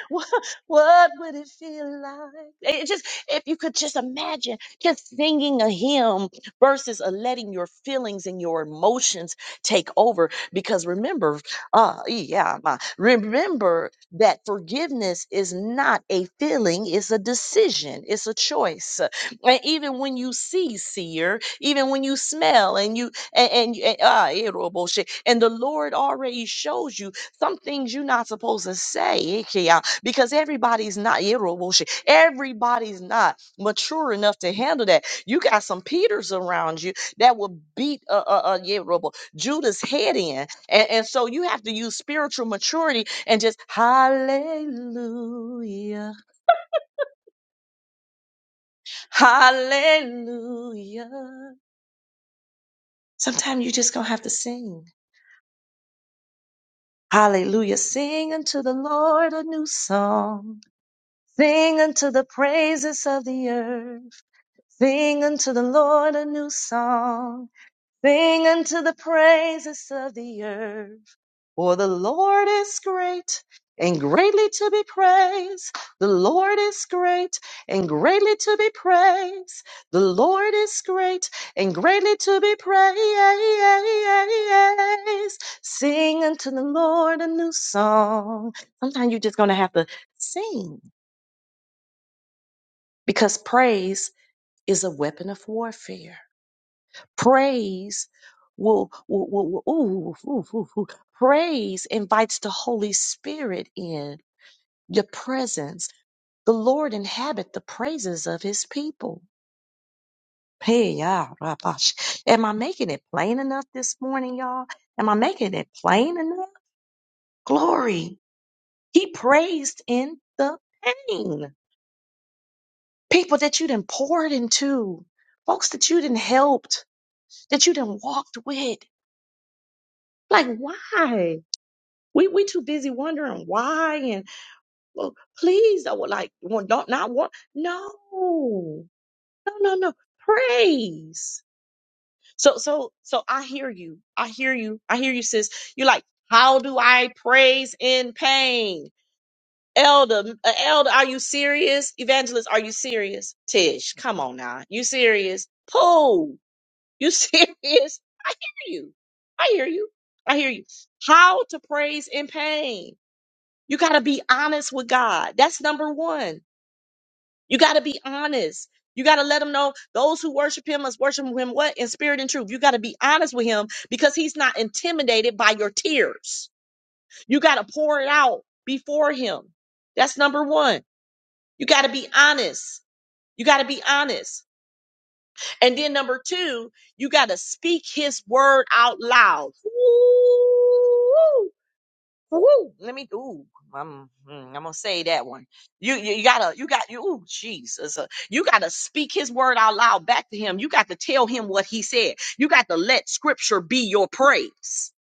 Speaker 1: what, what would it feel like? It just, if you could just imagine just singing a hymn versus a letting your feelings and your emotions take over. Because remember, uh, yeah, my, remember that forgiveness is not a feeling, it's a decision, it's a choice. And even when you see seer, even when you smell and you and and, you- and ah, eh, robo shit, and the Lord already shows you some things you're not supposed to say. Yeah, because everybody's not Yeroboshe, everybody's not mature enough to handle that. You got some Peters around you that will beat a uh, uh, uh, Yerobo, Judah's head in, and, and so you have to use spiritual maturity and just Hallelujah, Hallelujah. Sometimes you just gonna have to sing. Hallelujah. Sing unto the Lord a new song. Sing unto the praises of the earth. Sing unto the Lord a new song. Sing unto the praises of the earth. For the Lord is great and greatly to be praised. The Lord is great and greatly to be praised. The Lord is great and greatly to be praised. Sing unto the Lord a new song. Sometimes you're just going to have to sing because praise is a weapon of warfare. praise will, will, will, will- ooh, ooh, ooh, ooh. praise invites the holy spirit in your presence the lord inhabit the praises of his people hey yeah rabash. am i making it plain enough this morning y'all am i making it plain enough glory he praised in the pain people that you didn't poured into folks that you didn't helped that you didn't walked with like why We we too busy wondering why and well, please I would like well, don't not want no no no no praise. So so so I hear you. I hear you. I hear you, sis. You're like, how do I praise in pain? Elder, uh, Elder, are you serious? Evangelist, are you serious? Tish, come on now. You serious? Pooh, you serious? I hear you. I hear you. I hear you. How to praise in pain you got to be honest with God. That's number one. You got to be honest. You got to let him know those who worship him must worship him what? In spirit and truth. You got to be honest with him because he's not intimidated by your tears. You got to pour it out before him. That's number one. You got to be honest. You got to be honest. And then number two, you got to speak his word out loud. Woo! Woo! Let me. Ooh, I'm. mm, I'm gonna say that one. You, you, you gotta. You got. You. Ooh, Jesus. uh, you gotta speak His word out loud back to Him. You got to tell Him what He said. You got to let Scripture be your praise.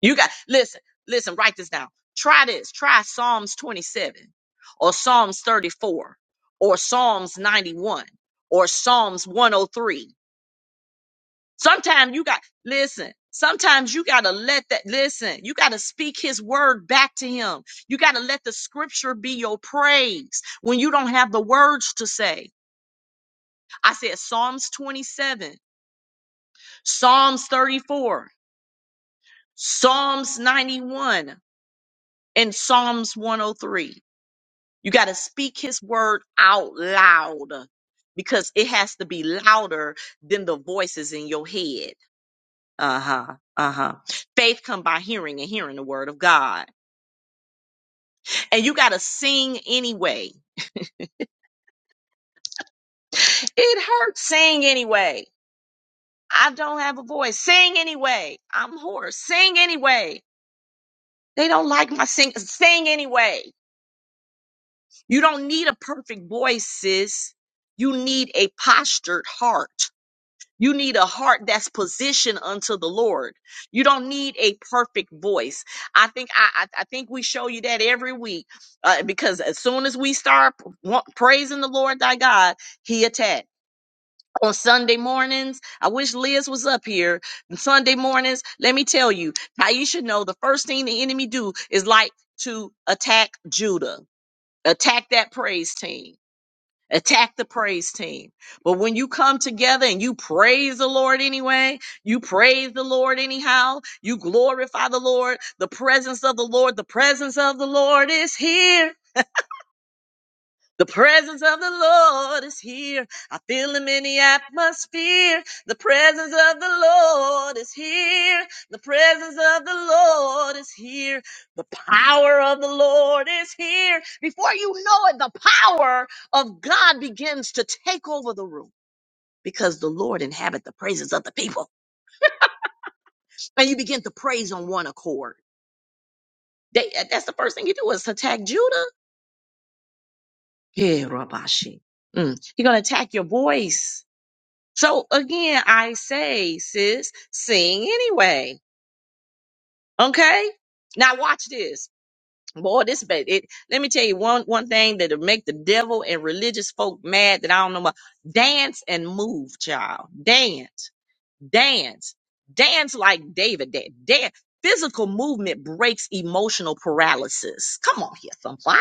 Speaker 1: You got. Listen. Listen. Write this down. Try this. Try Psalms 27, or Psalms 34, or Psalms 91, or Psalms 103. Sometimes you got listen. Sometimes you gotta let that listen. You gotta speak his word back to him. You gotta let the scripture be your praise when you don't have the words to say. I said Psalms 27, Psalms 34, Psalms 91, and Psalms 103. You gotta speak his word out loud because it has to be louder than the voices in your head. Uh-huh. Uh-huh. Faith come by hearing and hearing the word of God. And you gotta sing anyway. It hurts. Sing anyway. I don't have a voice. Sing anyway. I'm hoarse. Sing anyway. They don't like my sing. Sing anyway. You don't need a perfect voice, sis. You need a postured heart. You need a heart that's positioned unto the Lord. You don't need a perfect voice. I think I, I, I think we show you that every week uh, because as soon as we start wa- praising the Lord thy God, He attacks On Sunday mornings, I wish Liz was up here. On Sunday mornings, let me tell you, Taisha know the first thing the enemy do is like to attack Judah, attack that praise team attack the praise team. But when you come together and you praise the Lord anyway, you praise the Lord anyhow, you glorify the Lord, the presence of the Lord, the presence of the Lord is here. The presence of the Lord is here. I feel him in the atmosphere. The presence of the Lord is here. The presence of the Lord is here. The power of the Lord is here. Before you know it, the power of God begins to take over the room because the Lord inhabit the praises of the people. And you begin to praise on one accord. They, uh, that's the first thing you do is attack Judah. Yeah, Rabashi. Mm. You're going to attack your voice. So again, I say, sis, sing anyway. Okay. Now watch this. Boy, this ba- it. Let me tell you one one thing that'll make the devil and religious folk mad that I don't know about. Dance and move, child. Dance, dance, dance like David did. Dance. Physical movement breaks emotional paralysis. Come on here, somebody.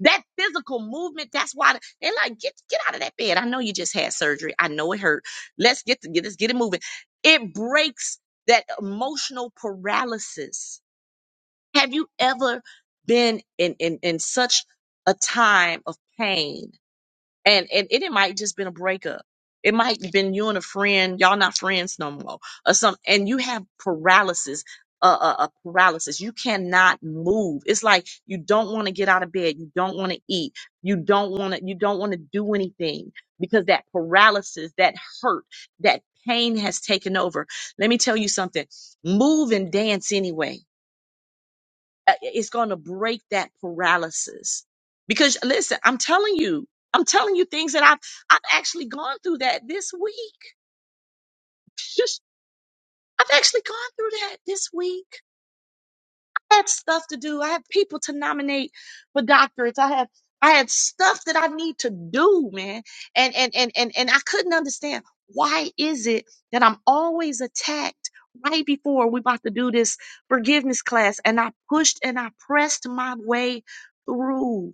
Speaker 1: That physical movement. That's why the- they're like, get get out of that bed. I know you just had surgery. I know it hurt. Let's get to, get let's get it moving. It breaks that emotional paralysis have you ever been in, in, in such a time of pain? And, and it, it might just been a breakup. It might have been you and a friend, y'all not friends no more, or something, and you have paralysis, a uh, uh, uh, paralysis. You cannot move. It's like you don't want to get out of bed, you don't want to eat, you don't want to, you don't want to do anything because that paralysis, that hurt, that pain has taken over. Let me tell you something. Move and dance anyway uh, it's going to break that paralysis because listen i'm telling you i'm telling you things that i've i've actually gone through that this week just i've actually gone through that this week i had stuff to do i have people to nominate for doctorates i have i had stuff that i need to do man and and and and, and i couldn't understand why is it that i'm always attacked right before we about to do this forgiveness class and i pushed and i pressed my way through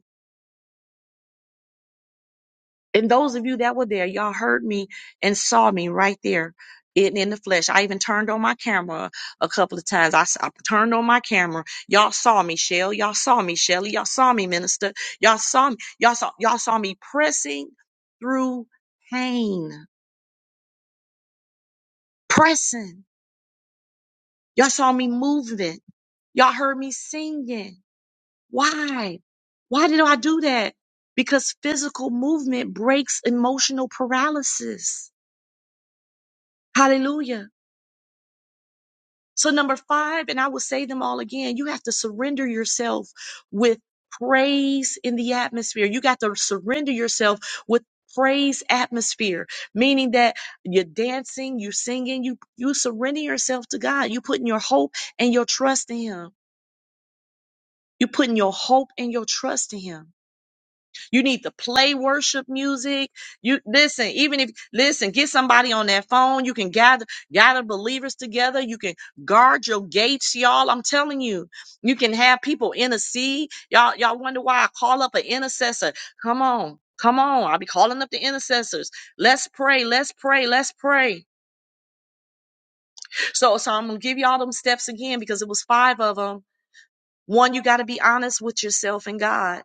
Speaker 1: And those of you that were there, y'all heard me and saw me right there in, in the flesh. I even turned on my camera a couple of times. I, s- I turned on my camera. Y'all saw me, Shell. Y'all saw me, Shelly. Y'all saw me, Minister. Y'all saw me. Y'all saw, y'all saw me pressing through pain, pressing. Y'all saw me moving. Y'all heard me singing. Why? Why did I do that? Because physical movement breaks emotional paralysis. Hallelujah So, number five, and I will say them all again, you have to surrender yourself with praise in the atmosphere. You got to surrender yourself with praise atmosphere, meaning that you're dancing, you're singing, you, you surrender yourself to God. you putting your hope and your trust in Him. you putting your hope and your trust in Him. You need to play worship music. You listen, even if listen, get somebody on that phone. You can gather gather believers together. You can guard your gates, y'all. I'm telling you, you can have people intercede. Y'all, y'all wonder why I call up an intercessor. Come on. Come on, I'll be calling up the intercessors. Let's pray, let's pray, let's pray. So, so I'm gonna give you all them steps again because it was five of them. One, you got to be honest with yourself and God.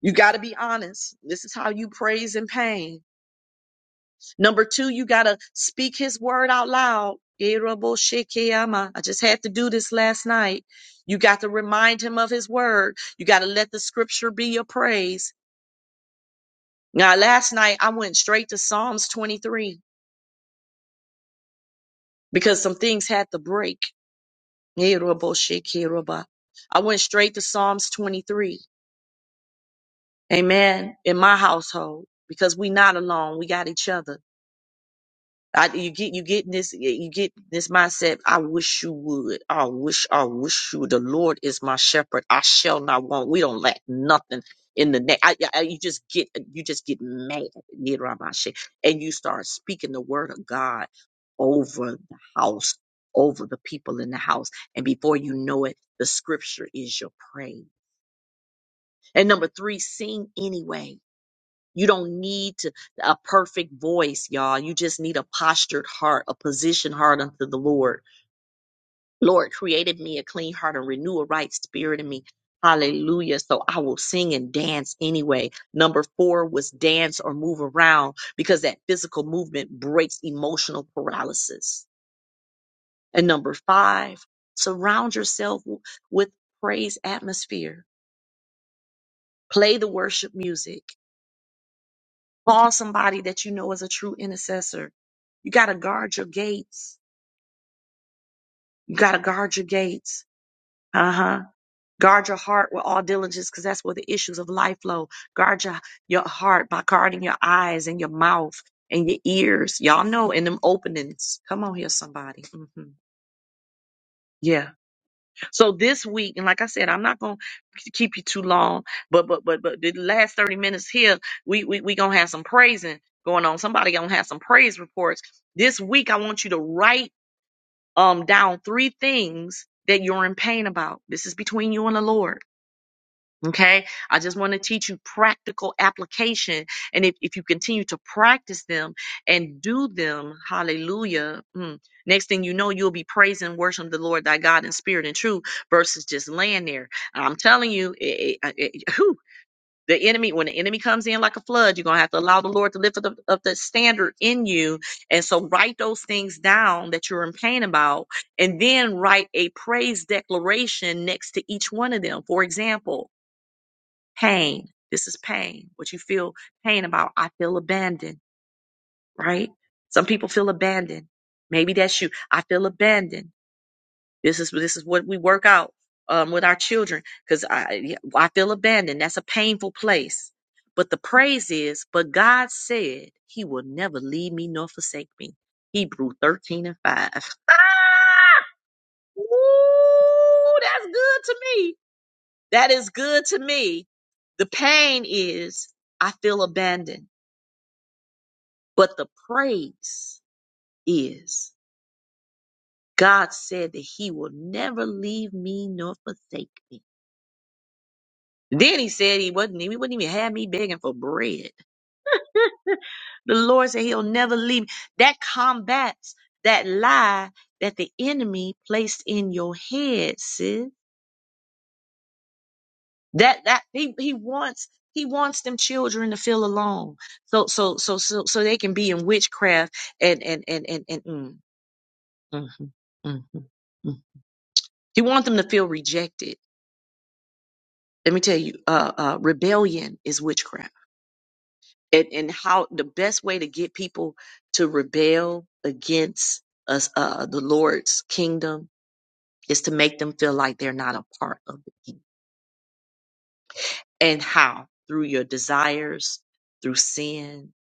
Speaker 1: You got to be honest. This is how you praise in pain. Number two, you got to speak his word out loud. Yeroboshekeama. I just had to do this last night. You got to remind him of his word. You got to let the scripture be your praise. Now, last night I went straight to Psalms 23 because some things had to break. Yeroboshekeroba. I went straight to Psalms 23. Amen. In my household because we not alone. We got each other. I, you get you get in this you get this mindset. I wish you would. I wish I wish you. would. The Lord is my shepherd. I shall not want. We don't lack nothing in the neck. I, I, you just get you just get mad, you know, about shit. and you start speaking the word of God over the house, over the people in the house, and before you know it, the scripture is your praise. And number three, sing anyway you don't need to, a perfect voice, y'all. You just need a postured heart, a positioned heart unto the Lord. Lord created me a clean heart and renew a right spirit in me. Hallelujah. So I will sing and dance anyway. Number four was dance or move around because that physical movement breaks emotional paralysis. And number five, surround yourself w- with praise atmosphere. Play the worship music. Call somebody that you know is a true intercessor You got to guard your gates. You got to guard your gates. Uh huh. Guard your heart with all diligence because that's where the issues of life flow. Guard your, your heart by guarding your eyes and your mouth and your ears. Y'all know in them openings. Come on here, somebody. hmm Yeah. So this week, and like I said, I'm not going to keep you too long, but, but, but, but the last 30 minutes here, we, we, we going to have some praising going on. Somebody going to have some praise reports. This week, I want you to write um, down three things that you're in pain about. This is between you and the Lord. Okay. I just want to teach you practical application. And if, if you continue to practice them and do them, hallelujah. mm, next thing you know, you'll be praising, worshiping the Lord thy God in spirit and truth versus just laying there. I'm telling you, it, it, it- whew, the enemy, when the enemy comes in like a flood, you're gonna have to allow the Lord to lift up, up the standard in you. And so write those things down that you're in pain about, and then write a praise declaration next to each one of them. For example, pain. This is pain. What you feel pain about. I feel abandoned, right? Some people feel abandoned. Maybe that's you. I feel abandoned. This is this is what we work out um, with our children because I yeah, I feel abandoned. That's a painful place. But the praise is, but God said He will never leave me nor forsake me. Hebrew thirteen and five. Ah! Ooh, that's good to me. That is good to me. The pain is I feel abandoned, but the praise is God said that He will never leave me nor forsake me. Then he said he wouldn't, he wouldn't even have me begging for bread. The Lord said he'll never leave me. That combats that lie that the enemy placed in your head, sis. That that he, he wants he wants them children to feel alone. So so so so so they can be in witchcraft and and and and, and mm, mhm, mhm, mm. He wants them to feel rejected. Let me tell you, uh, uh, rebellion is witchcraft. and, and how the best way to get people to rebel against us, uh, the Lord's kingdom is to make them feel like they're not a part of the kingdom. And how? Through your desires, through sin,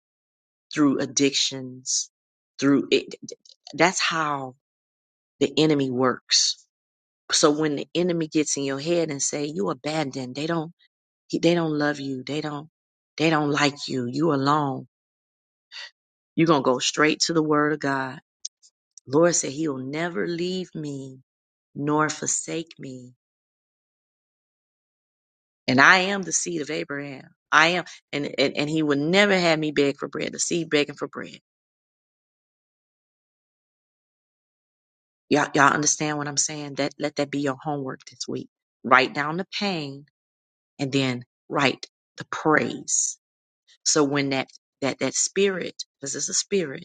Speaker 1: through addictions, through it. That's how the enemy works. So when the enemy gets in your head and say you abandoned, they don't, they don't love you. They don't, they don't like you. You alone. You're going to go straight to the word of God Lord said he'll never leave me nor forsake me. And I am the seed of Abraham. I am and and, and he would never have me beg for bread, the seed begging for bread. Y'all y'all understand what I'm saying? That let that be your homework this week. Write down the pain and then write the praise. So when that that that spirit, because it's a spirit.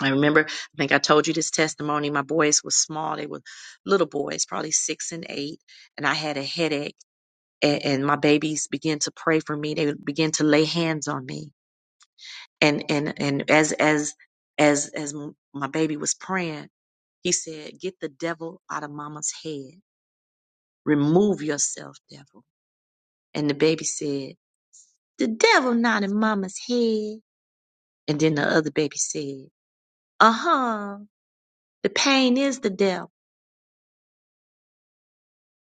Speaker 1: I remember, I think I told you this testimony. My boys were small. They were little boys, probably six and eight. And I had a headache and, and my babies began to pray for me. They began to lay hands on me. And and and as as as as my baby was praying, he said, "Get the devil out of Mama's head. Remove yourself, devil." And the baby said, "The devil not in Mama's head." And then the other baby said, "Uh huh. The pain is the devil."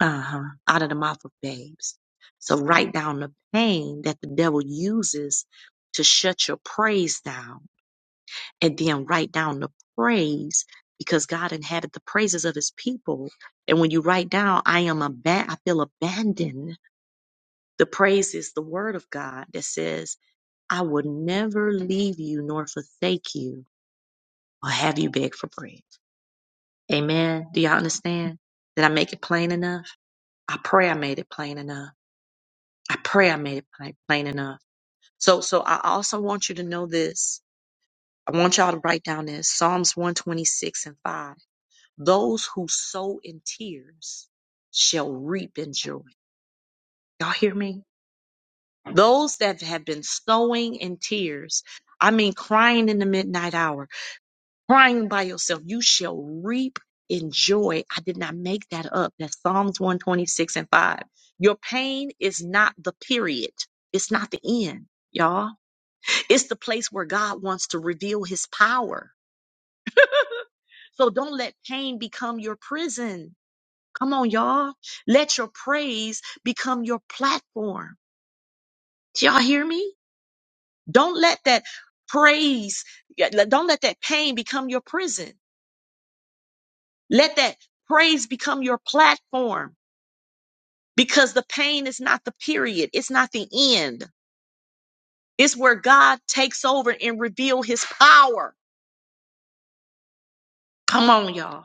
Speaker 1: Uh huh. Out of the mouth of babes. So write down the pain that the devil uses to shut your praise down and then write down the praise because God inhabit the praises of his people. And when you write down, I am aband—I feel abandoned. The praise is the word of God that says, I will never leave you nor forsake you or have you beg for bread. Amen. Do y'all understand? Did I make it plain enough? I pray I made it plain enough. I pray I made it plain, plain enough. So, so I also want you to know this. I want y'all to write down this Psalms 126 and 5. Those who sow in tears shall reap in joy. Y'all hear me? Those that have been sowing in tears, I mean, crying in the midnight hour, crying by yourself, you shall reap in joy. I did not make that up. That's Psalms 126 and 5. Your pain is not the period, it's not the end, y'all. It's the place where God wants to reveal his power. So don't let pain become your prison. Come on, y'all. Let your praise become your platform. Do y'all hear me? Don't let that praise, yeah, le- don't let that pain become your prison. Let that praise become your platform because the pain is not the period. It's not the end. It's where God takes over and reveal his power. Come on, y'all.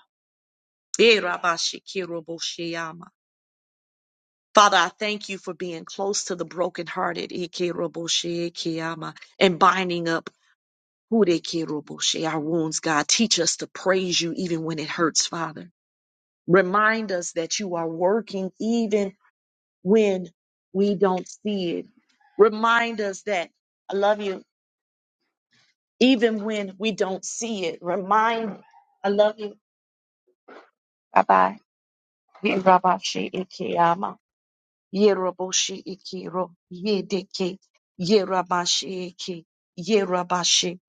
Speaker 1: Eh, rabba Father, I thank you for being close to the brokenhearted. Ikiro and binding up Hudekeroboshe, Our wounds, God. Teach us to praise you even when it hurts, Father. Remind us that you are working even when we don't see it. Remind us that I love you even when we don't see it. Remind, I love you. Bye bye. Yeroboshi ikiro yedeke yeramashi eke yerabashi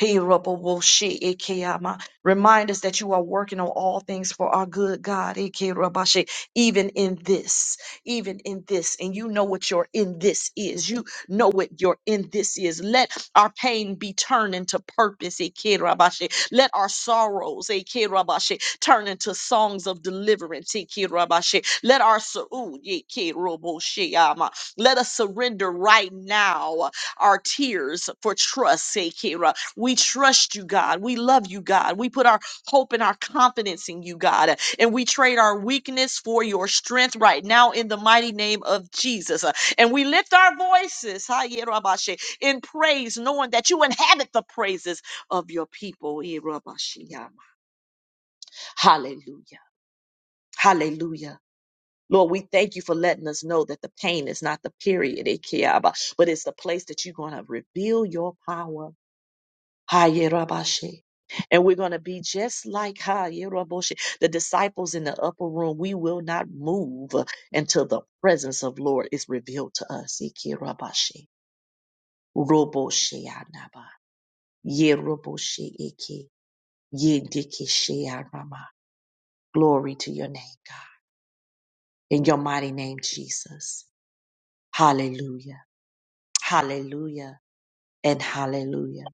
Speaker 1: heroboshi ekeyama. Remind us that you are working on all things for our good, God. Eke rabashi, even in this, even in this, and you know what your in this is. You know what your in this is. Let our pain be turned into purpose. Eke rabashi. Let our sorrows, eh, Kirabashe, turn into songs of deliverance, eh, Kirabashe. Let our su'ud, ye Kiroboshe, ama. let us surrender right now our tears for trust, eh, Kira. We trust you, God. We love you, God. We put our hope and our confidence in you, God. And we trade our weakness for your strength right now in the mighty name of Jesus. Uh, And we lift our voices ha, Yerabashe, in praise, knowing that you inhabit the praises of your people. Irabashiyama. Hallelujah. Hallelujah. Lord, we thank you for letting us know that the pain is not the period, Ikeyaba, but it's the place that you're going to reveal your power. Hayerabashi. And we're going to be just like Hayerabashi, the disciples in the upper room. We will not move until the presence of Lord is revealed to us. Ikerabashi. Roboshiyanaba. Yeroboshiiki. Yendikishiyanama. Glory to your name, God. In your mighty name, Jesus. Hallelujah. Hallelujah. And hallelujah.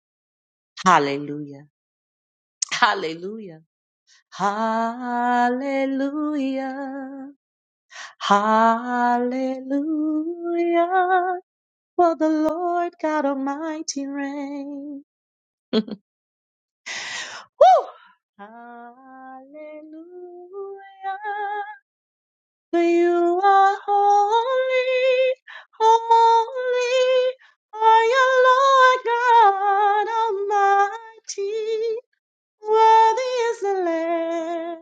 Speaker 1: Hallelujah. Hallelujah. Hallelujah. Hallelujah. For the Lord God Almighty reigns. Woo! Hallelujah. For you are holy, holy are you, Lord God Almighty. Worthy is the Lamb,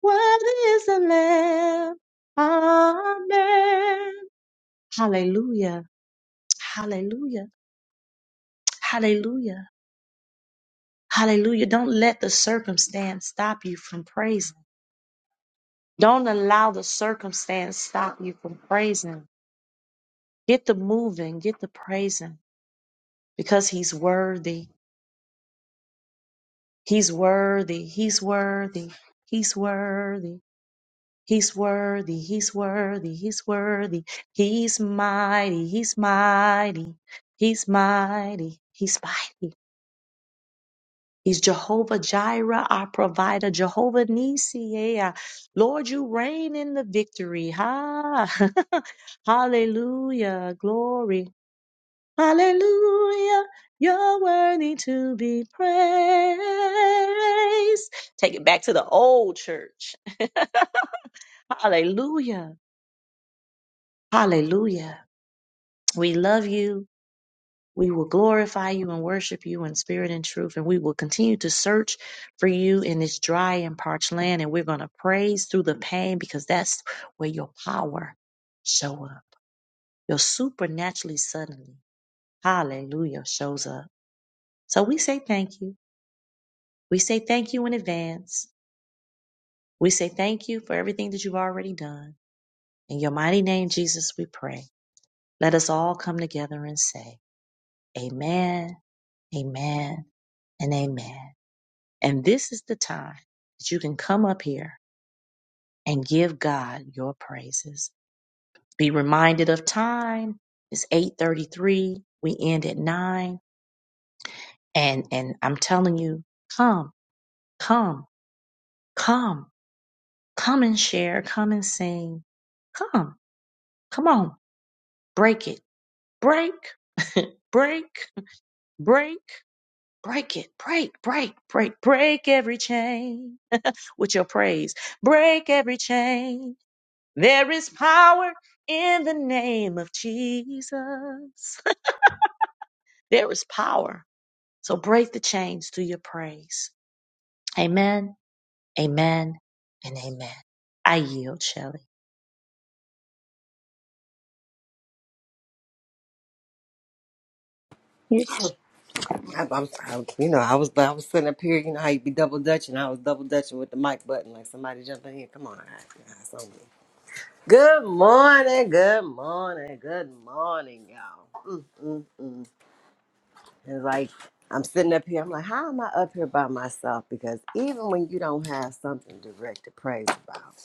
Speaker 1: worthy is the Lamb. Amen. Hallelujah, hallelujah, hallelujah, hallelujah. Don't let the circumstance stop you from praising. Don't allow the circumstance stop you from praising. Get the moving, get the praising. because he's worthy. He's worthy. He's worthy. He's worthy. He's worthy. He's worthy. He's worthy. He's mighty. He's mighty. He's mighty. He's mighty. He's Jehovah Jireh, our provider. Jehovah Nisi. Yeah. Lord, you reign in the victory. Ha. Hallelujah. Glory. Hallelujah. You're worthy to be praised. Take it back to the old church. Hallelujah. Hallelujah. We love you. We will glorify you and worship you in spirit and truth. And we will continue to search for you in this dry and parched land. And we're going to praise through the pain because that's where your power show up. Your supernaturally suddenly. Hallelujah shows up. So we say thank you. We say thank you in advance. We say thank you for everything that you've already done. In your mighty name, Jesus, we pray. Let us all come together and say, Amen, Amen, and Amen. And this is the time that you can come up here and give God your praises. Be reminded of time. It's 8:33. We end at 9. And and I'm telling you, come, come, come, come and share, come and sing. Come. Come on break it, break, break, break, break it, break, break, break, break every chain with your praise, break every chain. There is power in the name of Jesus. there is power. So break the chains through your praise. Amen, amen, and amen. I yield, Shelley. Yes.
Speaker 4: I, I'm, I, you know, I was I was sitting up here. You know how you be double dutching. I was double dutching with the mic button, like somebody jumping here. Come on, I, I, it's on me. Good morning, good morning, good morning, y'all. Mm, mm, mm. It's like I'm sitting up here. I'm like, how am I up here by myself? Because even when you don't have something direct to praise about,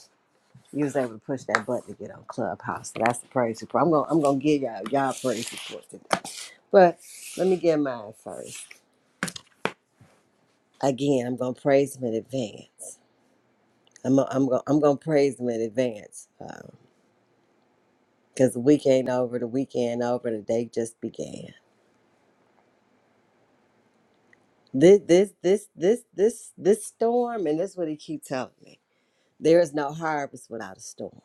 Speaker 4: you was able to push that button to get on Clubhouse. So that's the praise report. I'm gonna I'm gonna give y'all y'all praise report today, but let me get mine first. again, I'm gonna praise him in advance. I'm i I'm gonna I'm gonna praise him in advance because the week ain't over, the weekend over, the day just began. This this this this this this storm, and that's what he keep telling me. There is no harvest without a storm.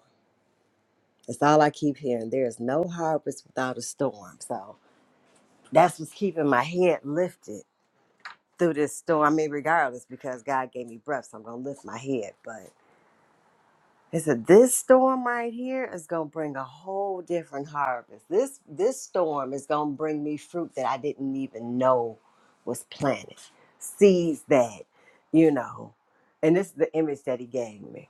Speaker 4: That's all I keep hearing. There is no harvest without a storm. So that's what's keeping my head lifted through this storm. I mean, regardless, because God gave me breath, so I'm gonna lift my head. But He said this storm right here is gonna bring a whole different harvest. This this storm is gonna bring me fruit that I didn't even know was planted, seeds that, you know. And this is the image that he gave me.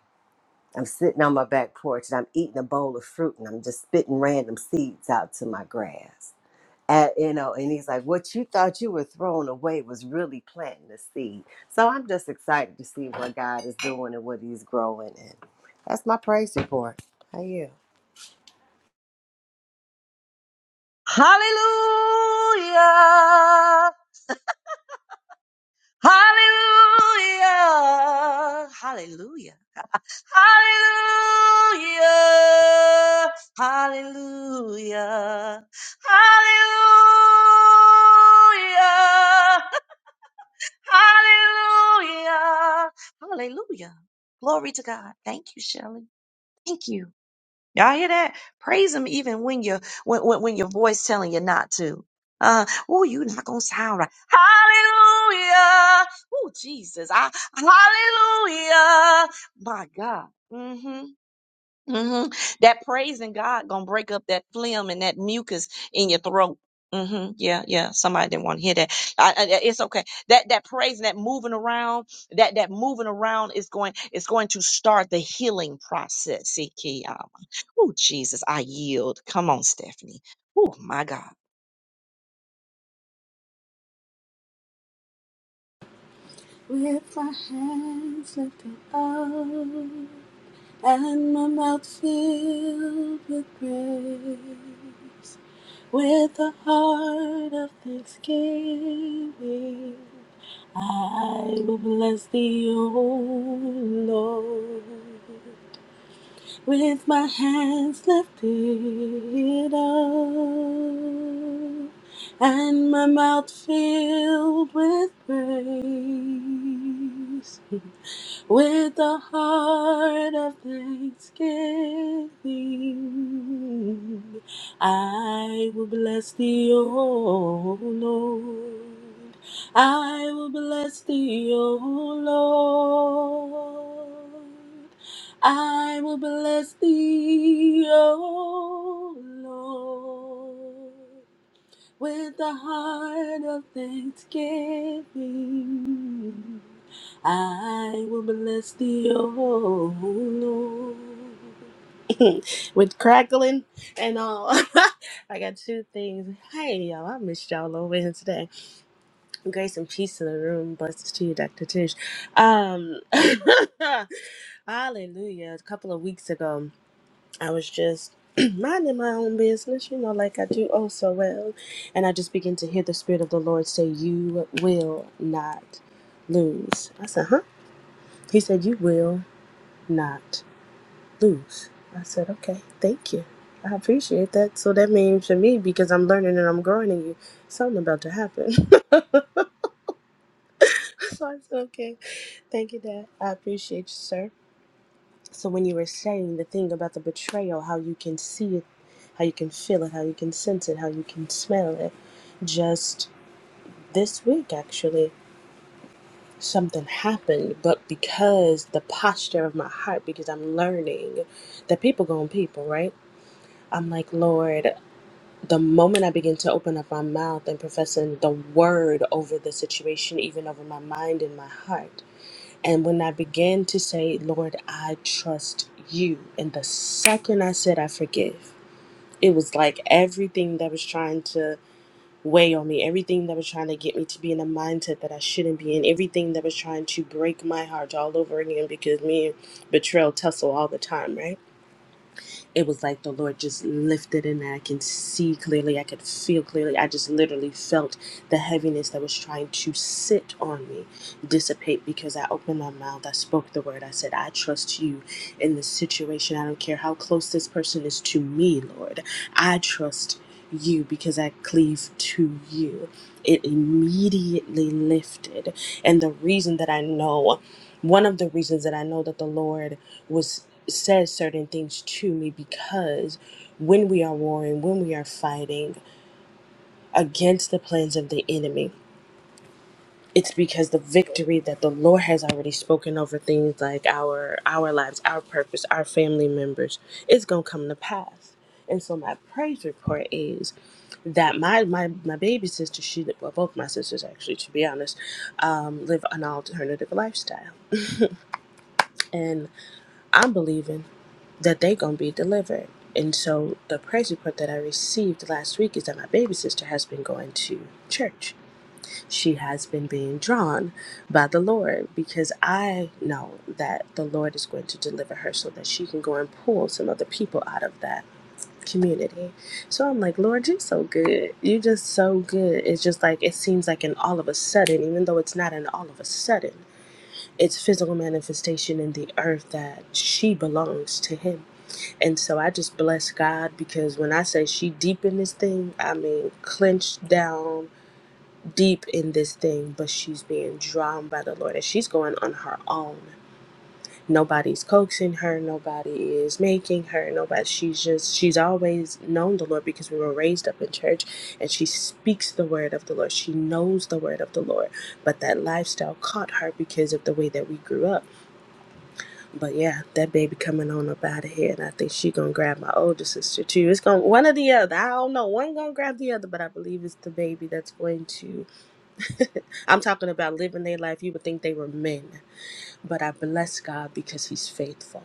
Speaker 4: I'm sitting on my back porch and I'm eating a bowl of fruit and I'm just spitting random seeds out to my grass at, you know, and he's like, what you thought you were throwing away was really planting the seed. So I'm just excited to see what God is doing and what he's growing in. That's my praise report. How you?
Speaker 1: Hallelujah! Hallelujah! Hallelujah! Hallelujah. Hallelujah. Hallelujah. Hallelujah. Hallelujah. Glory to God. Thank you, Shelley. Thank you. Y'all hear that? Praise him even when you when, when, when your voice telling you not to. Uh, oh, you not gonna sound right. Hallelujah. Oh, Jesus. I, hallelujah. My God. Mm-hmm hmm That praising God gonna break up that phlegm and that mucus in your throat. hmm Yeah, yeah. Somebody didn't want to hear that. I, I- it's okay. That that praising, that moving around, that that moving around is going is going to start the healing process. Oh Jesus, I yield. Come on, Stephanie. Oh my God.
Speaker 5: With my hands lifted up and my mouth filled with praise, with a heart of thanksgiving, I will bless thee, O Lord with my hands lifted up and my mouth filled with praise, with a heart of thanksgiving, I will bless thee, O Lord. I will bless thee, O Lord. I will bless thee, O Lord, with a heart of thanksgiving. I will bless thee, O Lord, with crackling and all. I got two things. Hey, y'all, I missed y'all on Wednesday. Grace and peace in the room. Blessings to you, Dr. Tish. Um, Hallelujah. A couple of weeks ago, I was just minding my own business, you know, like I do oh so well. And I just began to hear the Spirit of the Lord say, You will not lose. I said, Huh? He said, You will not lose. I said, Okay, thank you. I appreciate that. So that means to me, because I'm learning and I'm growing in you, something about to happen. so I said, Okay, thank you, Dad. I appreciate you, sir. So when you were saying the thing about the betrayal, how you can see it, how you can feel it, how you can sense it, how you can smell it, just this week actually something happened, but because the posture of my heart, because I'm learning that people go on people, right? I'm like, Lord, the moment I begin to open up my mouth and professing the word over the situation, even over my mind and my heart, and when I began to say, Lord, I trust you, and the second I said, I forgive, it was like everything that was trying to weigh on me, everything that was trying to get me to be in a mindset that I shouldn't be in, everything that was trying to break my heart all over again because me and betrayal tussle all the time, right? it was like the Lord just lifted and I can see clearly, I could feel clearly. I just literally felt the heaviness that was trying to sit on me dissipate because I opened my mouth, I spoke the word, I said, I trust you in this situation. I don't care how close this person is to me, Lord. I trust you because I cleave to you. It immediately lifted. And the reason that I know one of the reasons that I know that the Lord was says certain things to me because when we are warring, when we are fighting against the plans of the enemy, it's because the victory that the Lord has already spoken over things like our our lives, our purpose, our family members, is gonna come to pass. And so my praise report is that my my, my baby sister, she well both my sisters actually to be honest, um, live an alternative lifestyle. And I'm believing that they gonna be delivered. And so the praise report that I received last week is that my baby sister has been going to church. She has been being drawn by the Lord because I know that the Lord is going to deliver her so that she can go and pull some other people out of that community. So I'm like, Lord, you're so good. You're just so good. It's just like it seems like an all of a sudden, even though it's not an all of a sudden, it's physical manifestation in the earth that she belongs to him and so I just bless God because when I say she deep in this thing, I mean clenched down deep in this thing, but she's being drawn by the Lord and she's going on her own. Nobody's coaxing her, nobody is making her, nobody she's just she's always known the Lord because we were raised up in church and she speaks the word of the Lord. She knows the word of the Lord. But that lifestyle caught her because of the way that we grew up. But yeah, that baby coming on up out of here, and I think she gonna grab my older sister too. It's gonna one or the other. I don't know. One gonna grab the other, but I believe it's the baby that's going to. I'm talking about living their life. You would think they were men, but I bless God because He's faithful,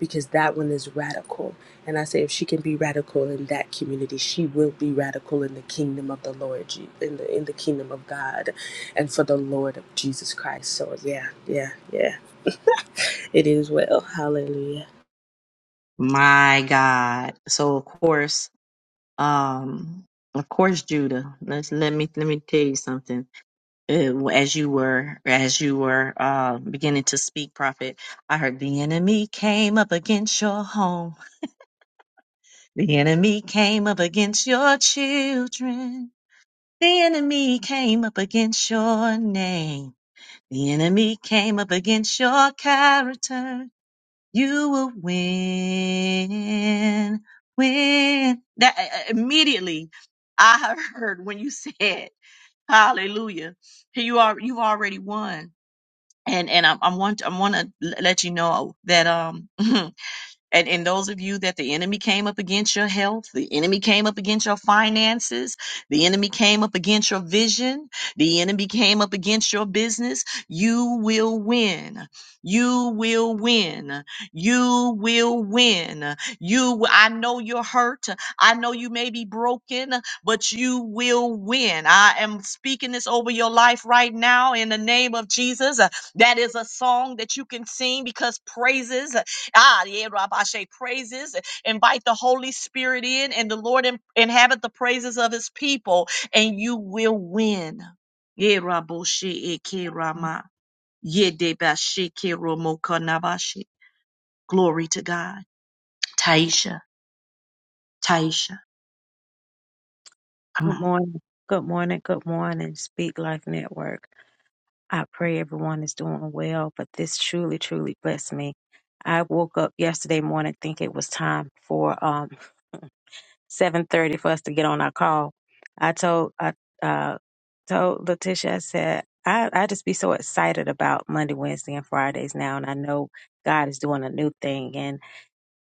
Speaker 5: because that one is radical. And I say, if she can be radical in that community, she will be radical in the kingdom of the Lord, Je- in the in the kingdom of God, and for the Lord of Jesus Christ. So yeah, yeah, yeah. It is well. Hallelujah.
Speaker 1: My God. So of course, um, of course, Judah. Let's let me let me tell you something. uh, as you were as you were uh, beginning to speak, prophet, I heard the enemy came up against your home. The enemy came up against your children. The enemy came up against your name. The enemy came up against your character. You will win. Win. That uh, uh, immediately, I heard when you said Hallelujah. You are you've already won. and and I, I want I want to let you know that um And, and those of you that the enemy came up against your health, the enemy came up against your finances, the enemy came up against your vision, the enemy came up against your business, you will win. You will win. You will win. You, w- I know you're hurt. I know you may be broken, but you will win. I am speaking this over your life right now in the name of Jesus. Uh, That is a song that you can sing because praises. Ah, yeah, Rabbi Shea, praises. Invite the Holy Spirit in, and the Lord in- inhabit the praises of his people, and you will win. Yeah, Rabbi Shea, Eke Rama. Yeah, Deba Shea, Ke Romo Kanabashi. Glory to God. Taisha, Taisha, come
Speaker 6: Good
Speaker 1: on.
Speaker 6: morning. Good morning. Good morning. Speak Life Network. I pray everyone is doing well, but this truly, truly blessed me. I woke up yesterday morning thinking it was time for um 7:30 for us to get on our call. I told I uh told Letitia, I said, I, I just be so excited about Monday, Wednesday, and Fridays now, and I know God is doing a new thing. And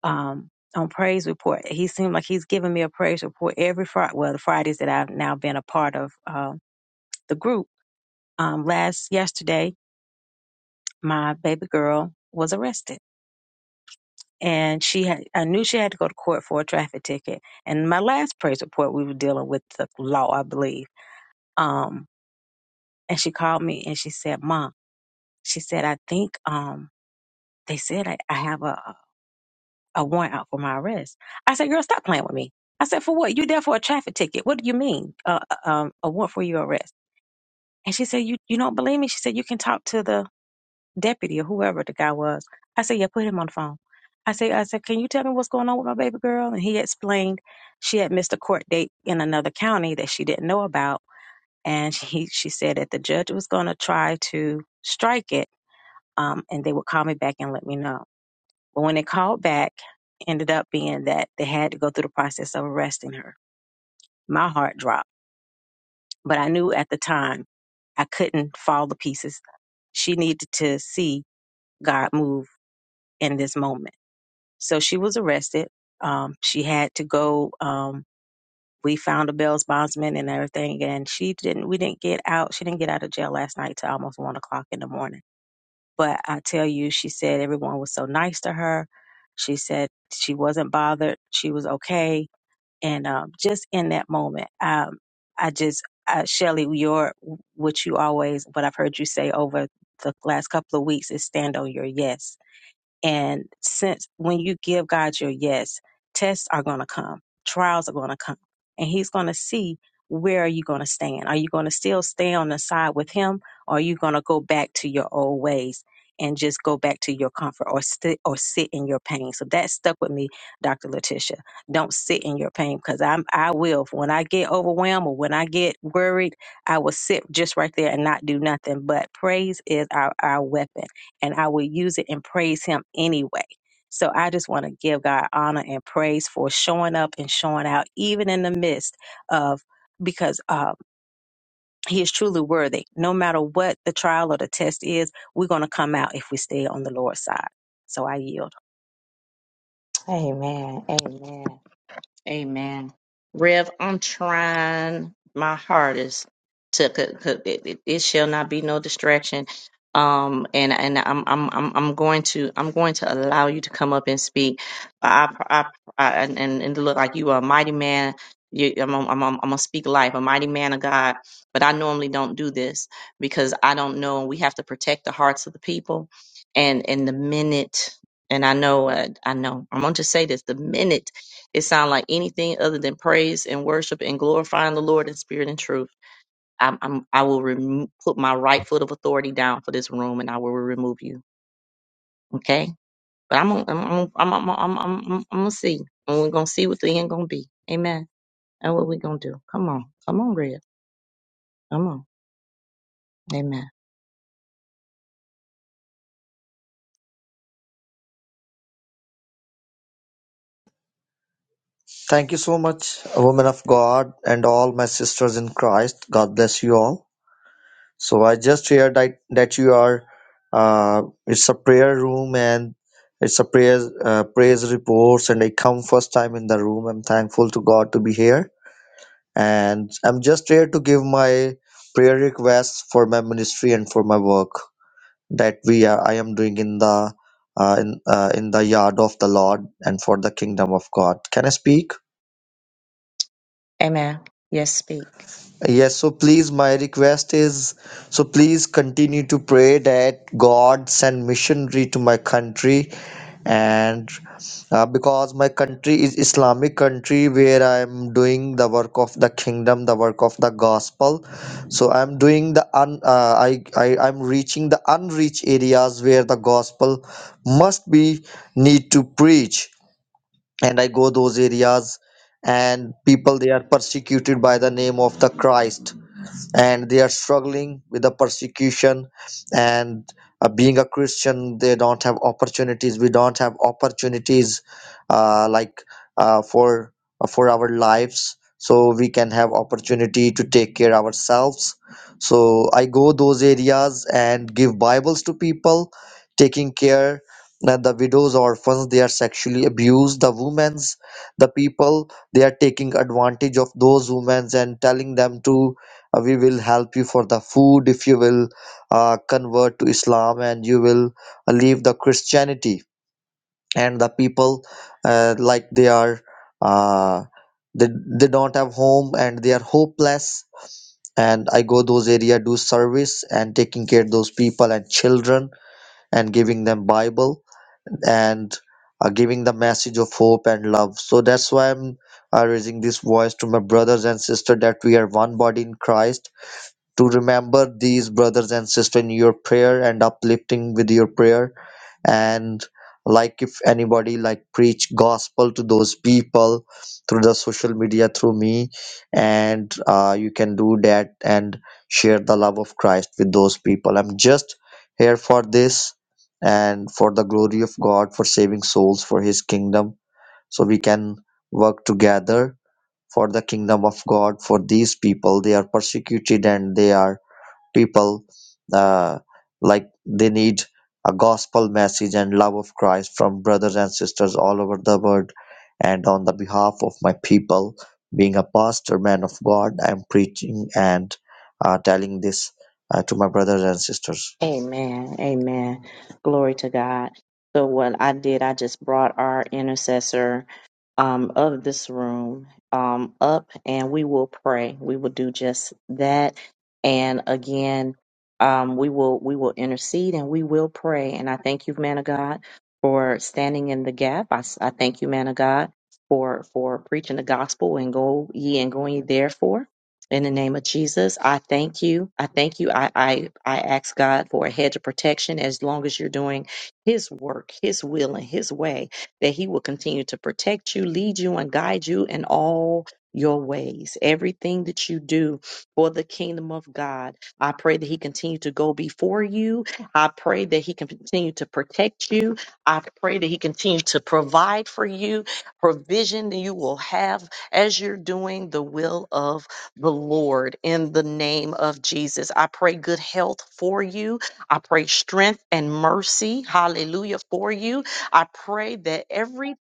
Speaker 6: um on praise report, he seemed like he's giving me a praise report every Friday. Well, the Fridays that I've now been a part of. uh, the group um, last yesterday my baby girl was arrested and she had i knew she had to go to court for a traffic ticket and my last praise report we were dealing with the law i believe um, and she called me and she said mom she said i think um, they said I, I have a, a warrant out for my arrest i said girl stop playing with me i said for what you there for a traffic ticket what do you mean uh, uh, um, a warrant for your arrest and she said you, you don't believe me she said you can talk to the deputy or whoever the guy was. I said, yeah, put him on the phone. I said, I said, can you tell me what's going on with my baby girl? And he explained she had missed a court date in another county that she didn't know about. And she, she said that the judge was going to try to strike it um, and they would call me back and let me know. But when they called back, ended up being that they had to go through the process of arresting her. My heart dropped. But I knew at the time I couldn't fall to pieces. She needed to see God move in this moment So she was arrested. Um, she had to go. Um, we found a bail bondsman and everything, and she didn't. We didn't get out. She didn't get out of jail last night till almost one o'clock in the morning. But I tell you, she said everyone was so nice to her. She said she wasn't bothered. She was okay. And um, just in that moment, um, I just, uh, Shelly, your what you always, what I've heard you say over the last couple of weeks is stand on your yes and since when you give God your yes, tests are going to come, trials are going to come, and He's going to see where are you going to stand. Are you going to still stay on the side with Him, or are you going to go back to your old ways and just go back to your comfort, or sit or sit in your pain? So that stuck with me, Doctor Letitia. Don't sit in your pain because I'm I will when I get overwhelmed or when I get worried, I will sit just right there and not do nothing. But praise is our our weapon and I will use it and praise Him anyway. So I just want to give God honor and praise for showing up and showing out, even in the midst of because uh, He is truly worthy. No matter what the trial or the test is, we're going to come out if we stay on the Lord's side. So I yield.
Speaker 1: Amen. Amen. Amen. Rev, I'm trying my hardest to cook, cook it, it. It shall not be no distraction. Um, and and I'm I'm I'm I'm going to I'm going to allow you to come up and speak. I I, I and and and look like you are a mighty man. You, I'm, I'm, I'm, I'm gonna speak life, a mighty man of God. But I normally don't do this because I don't know. We have to protect the hearts of the people, and and the minute, and I know, uh, I know. I'm gonna just say this: the minute it sounds like anything other than praise and worship and glorifying the Lord in spirit and truth. I'm, I'm, I will remo- put my right foot of authority down for this room, and I will remove you. Okay, but I'm, gonna- I'm, gonna- I'm, I'm, I'm, I'm, I'm, I'm gonna see, and we're gonna see what the end gonna be. Amen. And what we gonna do? Come on, come on, Red. Come on. Amen.
Speaker 7: Thank you so much, women of God, and all my sisters in Christ. God bless you all. So I just heard that, that you are. Uh, it's a prayer room and it's a prayer uh, praise reports, and I come first time in the room. I'm thankful to God to be here, and I'm just here to give my prayer requests for my ministry and for my work that we are, I am doing in the uh, in uh, in the yard of the Lord and for the kingdom of God. Can I speak?
Speaker 1: Amen. Yes,
Speaker 7: Yes, so please, my request is so please continue to pray that God send missionary to my country, and uh, because my country is Islamic country where I am doing the work of the kingdom, the work of the gospel. So I'm doing the un, uh, I, I I'm reaching the unreached areas where the gospel must be need to preach, and I go those areas, and people they are persecuted by the name of the Christ and they are struggling with the persecution and uh, being a christian they don't have opportunities we don't have opportunities uh, like uh, for uh, for our lives so we can have opportunity to take care ourselves so i go those areas and give bibles to people taking care that the widows orphans they are sexually abused the women's the people they are taking advantage of those women and telling them to uh, we will help you for the food if you will uh, convert to islam and you will uh, leave the christianity and the people uh, like they are uh, they, they don't have home and they are hopeless and i go those area do service and taking care those people and children and giving them bible and uh, giving the message of hope and love so that's why i'm uh, raising this voice to my brothers and sister that we are one body in christ to remember these brothers and sisters in your prayer and uplifting with your prayer and like if anybody like preach gospel to those people through the social media through me and uh, you can do that and share the love of christ with those people i'm just here for this and for the glory of god for saving souls for his kingdom so we can work together for the kingdom of god for these people they are persecuted and they are people uh, like they need a gospel message and love of Christ from brothers and sisters all over the world. And on the behalf of my people, being a pastor, man of God, I'm preaching and uh, telling this uh, to my brothers and sisters.
Speaker 1: Amen. Amen. Glory to God. So what I did, I just brought our intercessor um, of this room um, up, and we will pray. We will do just that. And again, um, we will we will intercede and we will pray. And I thank you, man of God, for standing in the gap. I, s- I thank you, man of God, for for preaching the gospel and go ye and going ye therefore. In the name of Jesus, I thank you. I thank you. I, I, I ask God for a hedge of protection as long as you're doing His work, His will, and His way, that He will continue to protect you, lead you, and guide you in all your ways. Everything that you do for the kingdom of God, I pray that He continue to go before you. I pray that He can continue to protect you. I pray that He continue to provide for you, provision that you will have as you're doing the will of the Lord in the name of Jesus. I pray good health for you. I pray strength and mercy, hallelujah, for you. I pray that everything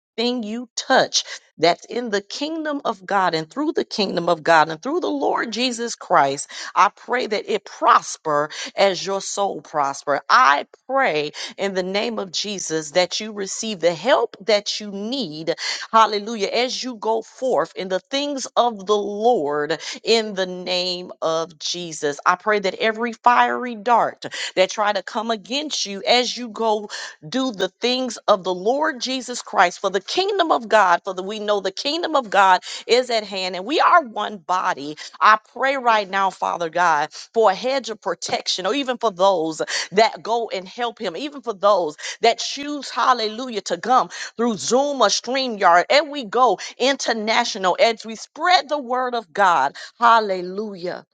Speaker 1: you touch that's in the kingdom of God and through the kingdom of God and through the Lord Jesus Christ. I pray that it prosper as your soul prosper. I pray in the name of Jesus that you receive the help that you need. Hallelujah. As you go forth in the things of the Lord in the name of Jesus. I pray that every fiery dart that try to come against you as you go do the things of the Lord Jesus Christ for the kingdom of God, for the, we know the kingdom of God is at hand and we are one body. I pray right now, Father God, for a hedge of protection or even for those that go and help him, even for those that choose, hallelujah, to come through Zoom or StreamYard. And we go international as we spread the word of God. Hallelujah.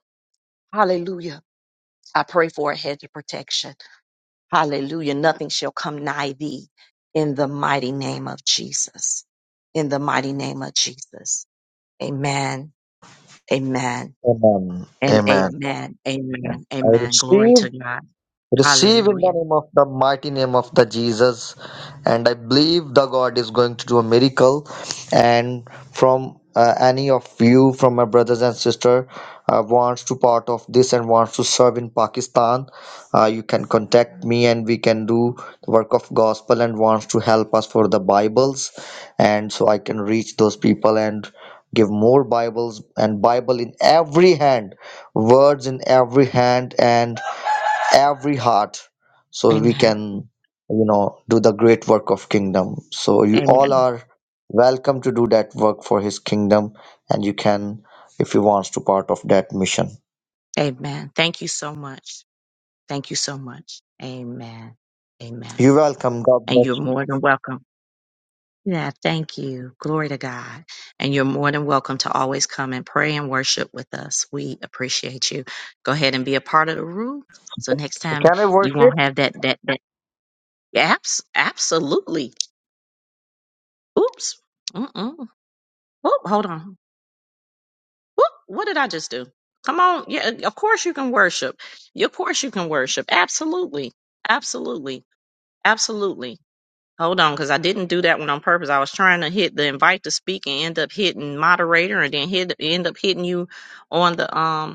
Speaker 1: Hallelujah. I pray for a hedge of protection. Hallelujah. Nothing shall come nigh thee in the mighty name of Jesus. In the mighty name of Jesus. Amen. Amen.
Speaker 7: Amen.
Speaker 1: And
Speaker 7: Amen.
Speaker 1: amen. Amen.
Speaker 7: I
Speaker 1: Amen. Glory
Speaker 7: receive
Speaker 1: to God.
Speaker 7: Receive in the
Speaker 1: Hallelujah.
Speaker 7: name of the mighty name of the Jesus. And I believe the God is going to do a miracle. And from uh, any of you, from my brothers and sister, uh, wants to part of this and wants to serve in Pakistan, uh, you can contact me and we can do the work of gospel and wants to help us for the Bibles. And so I can reach those people and give more Bibles and Bible in every hand, words in every hand and every heart so we
Speaker 1: Amen.
Speaker 7: can you know do the great work of kingdom so you all
Speaker 1: Amen.
Speaker 7: are welcome to do that work for his kingdom and you can if you want to part of that mission
Speaker 1: Amen. Thank you so much. Thank you so much. Amen. Amen.
Speaker 7: you welcome god
Speaker 1: And
Speaker 7: bless
Speaker 1: you're
Speaker 7: you
Speaker 1: more than welcome. Yeah, thank you. Glory to God. And you're more than welcome to always come and pray and worship with us. We appreciate you. Go ahead and be a part of the room. So next
Speaker 7: So
Speaker 1: time
Speaker 7: can i
Speaker 1: you
Speaker 7: worship
Speaker 1: won't have that that that apps absolutely. Oops. Mm-mm. Oop, hold on. Oop, what did I just do? Come on. Yeah, of course you can worship. Of course you can worship. Absolutely. Absolutely. Absolutely. Hold on, because I didn't do that one on purpose. I was trying to hit the invite to speak and end up hitting moderator, and then hit end up hitting you on the um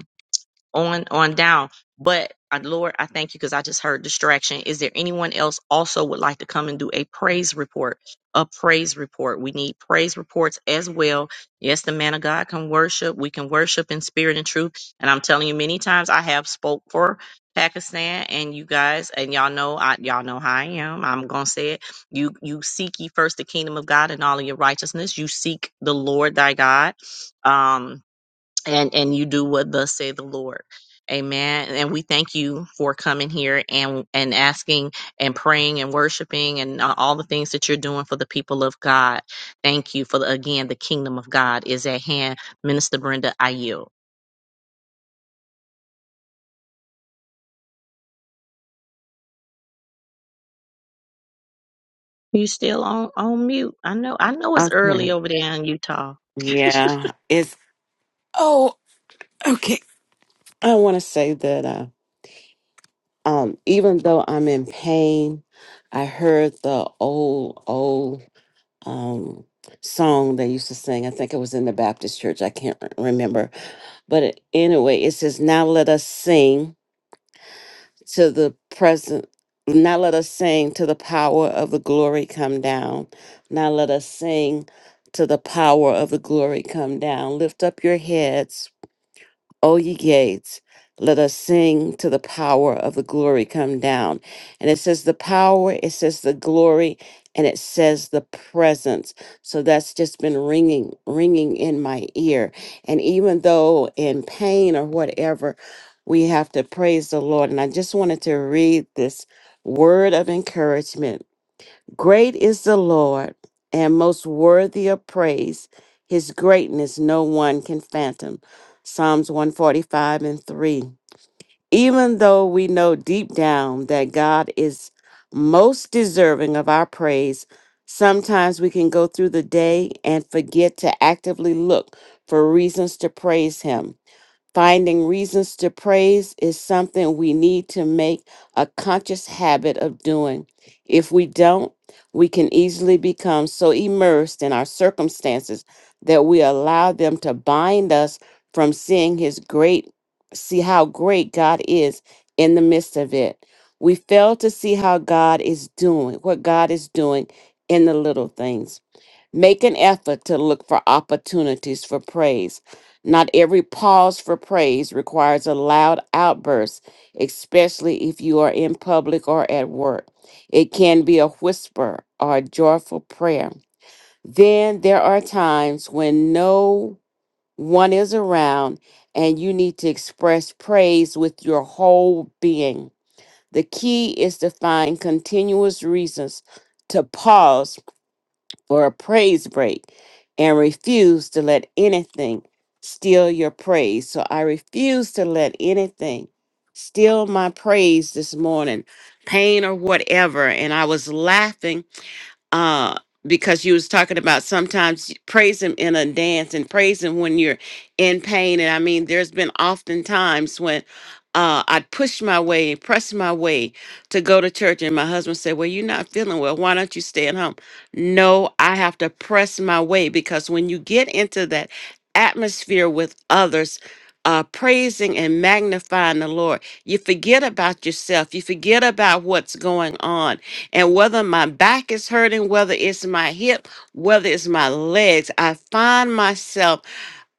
Speaker 1: on on down. But uh, Lord, I thank you because I just heard distraction. Is there anyone else also would like to come and do a praise report? A praise report. We need praise reports as well. Yes, the man of God can worship. We can worship in spirit and truth. And I'm telling you, many times I have spoke for Pakistan and you guys, and y'all know, I, y'all know how I am. I'm gonna say it. You you seek ye first the kingdom of God and all of your righteousness. You seek the Lord thy God. Um, and and you do what thus say the lord amen and we thank you for coming here and and asking and praying and worshiping and a- all the things that you're doing for the people of god thank you for the, again the kingdom of god is at hand minister brenda i yield you still on on mute i know i know it's
Speaker 8: Okay.
Speaker 1: early over there in utah
Speaker 8: Yeah. It's oh okay. I want to say that uh, um even though I'm in pain, I heard the old old um song they used to sing. I think it was in the Baptist church. I can't re- remember. But it- anyway, it says now let us sing to the present now let us sing to the power of the glory come down. Now let us sing to the power of the glory come down. Lift up your heads O ye gates, let us sing to the power of the glory come down. And it says the power, it says the glory, and it says the presence. So that's just been ringing, ringing in my ear. And even though in pain or whatever, we have to praise the Lord. And I just wanted to read this word of encouragement Great is the Lord and most worthy of praise. His greatness no one can fathom. Psalms 145 and 3. Even though we know deep down that God is most deserving of our praise, sometimes we can go through the day and forget to actively look for reasons to praise Him. Finding reasons to praise is something we need to make a conscious habit of doing. If we don't, we can easily become so immersed in our circumstances that we allow them to bind us from seeing his great see how great God is in the midst of it. We fail to see how God is doing, what God is doing in the little things. Make an effort to look for opportunities for praise. Not every pause for praise requires a loud outburst, especially if you are in public or at work. It can be a whisper or a joyful prayer. Then there are times when no one is around and you need to express praise with your whole being. The key is to find continuous reasons to pause for a praise break and refuse to let anything steal your praise. So I refuse to let anything steal my praise this morning, pain or whatever. And I was laughing uh because you was talking about sometimes you praise him in a dance and praise him when you're in pain and i mean there's been often times when uh, I'd push my way, press my way to go to church. And my husband said, Well, you're not feeling well. Why don't you stay at home? No, I have to press my way because when you get into that atmosphere with others, uh, praising and magnifying the Lord, you forget about yourself. You forget about what's going on and whether my back is hurting, whether it's my hip, whether it's my legs, I find myself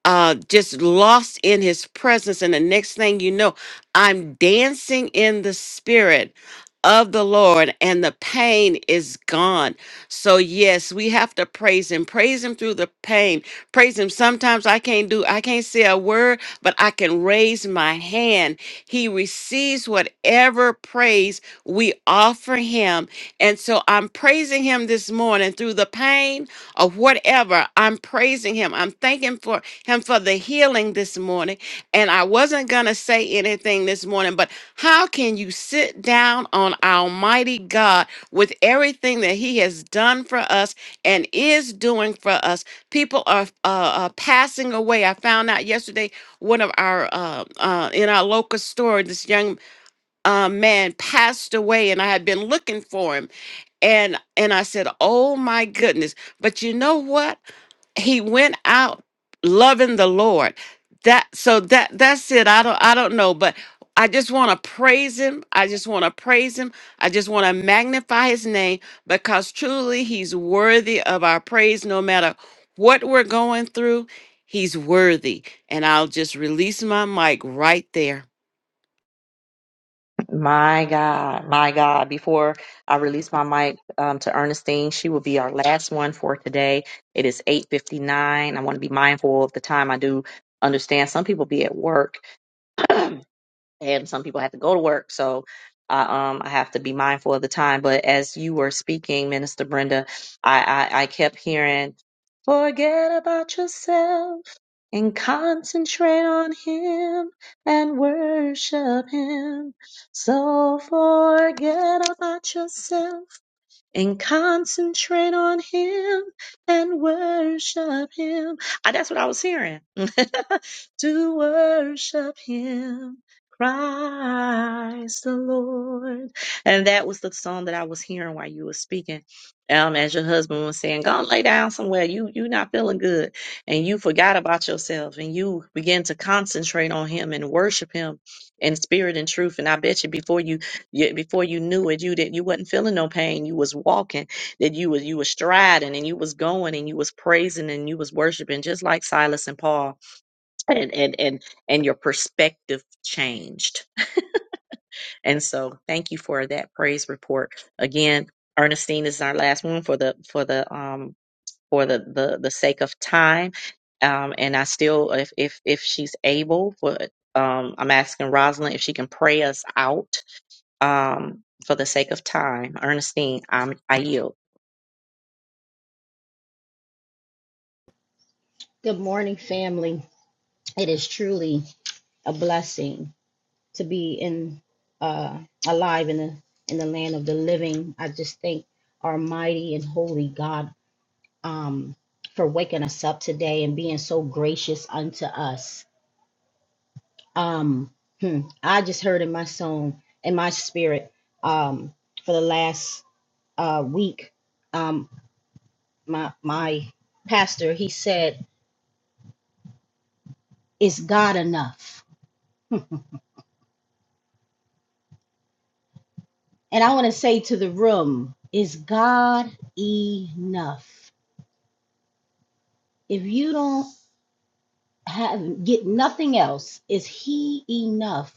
Speaker 8: uh just lost in his presence and the next thing you know i'm dancing in the spirit of the lord and the pain is gone so yes we have to praise him praise him through the pain praise him sometimes i can't do i can't say a word but i can raise my hand he receives whatever praise we offer him and so i'm praising him this morning through the pain or whatever. I'm praising him. I'm thanking for him for the healing this morning. And I wasn't going to say anything this morning, but how can you sit down on Almighty God with everything that he has done for us and is doing for us? People are uh, uh, passing away. I found out yesterday one of our uh, uh, in our local store, this young uh, man passed away, and I had been looking for him and and i said oh my goodness but you know what he went out loving the lord that so that that's it i don't i don't know but i just want to praise him i just want to praise him i just want to magnify his name because truly he's worthy of our praise no matter what we're going through he's worthy and i'll just release my mic right there
Speaker 1: My God, my God. Before I release my mic um, to Ernestine, she will be our last one for today. It is 8.59. I want to be mindful of the time. I do understand some people be at work. and some people have to go to work. So I um I have to be mindful of the time. But as you were speaking, Minister Brenda, I I, I kept hearing, forget about yourself and concentrate on him and worship him. So forget about yourself and concentrate on him and worship him. Ah, that's what I was hearing. to worship him, Christ the Lord. And that was the song that I was hearing while you were speaking. Um, as your husband was saying, go and lay down somewhere. You you not feeling good, and you forgot about yourself, and you began to concentrate on Him and worship Him in spirit and truth. And I bet you before you Yet before you knew it, you didn't you wasn't feeling no pain. You was walking, that you was you was striding and you was going and you was praising and you was worshiping, just like Silas and Paul. And and and and your perspective changed. And so thank you for that praise report. Again, Ernestine is our last one for the for the um for the the, the sake of time. Um and I still if if if she's able for um I'm asking Rosalind if she can pray us out um, for the sake of time. Ernestine, i am I yield.
Speaker 9: Good morning, family. It is truly a blessing to be in uh, alive in the in the land of the living. I just thank our mighty and holy God um, for waking us up today and being so gracious unto us. Um, hmm, I just heard in my song, in my spirit, um, for the last uh, week, um, my my pastor he said, "Is God enough?" And I want to say to the room, is God enough? If you don't have get nothing else, is he enough?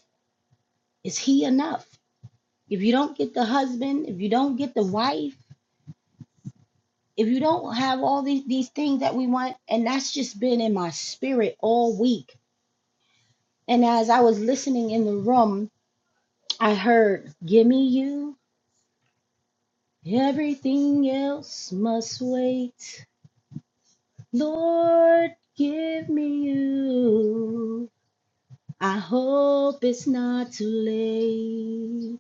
Speaker 9: Is he enough? If you don't get the husband, if you don't get the wife, if you don't have all these, these things that we want, and that's just been in my spirit all week. And as I was listening in the room, I heard, Give me you, everything else must wait. Lord, give me you. I hope it's not too late.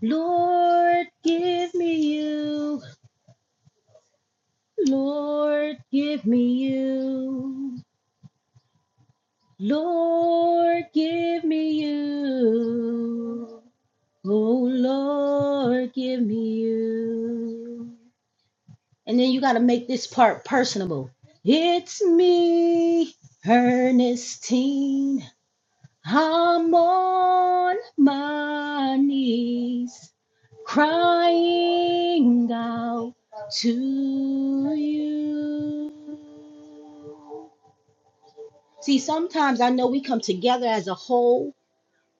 Speaker 9: Lord, give me you. Lord, give me you. Lord, give me you. Oh, Lord, give me you. And then you got to make this part personable. It's me, Ernestine. I'm on my knees crying out to you. See, sometimes I know we come together as a whole,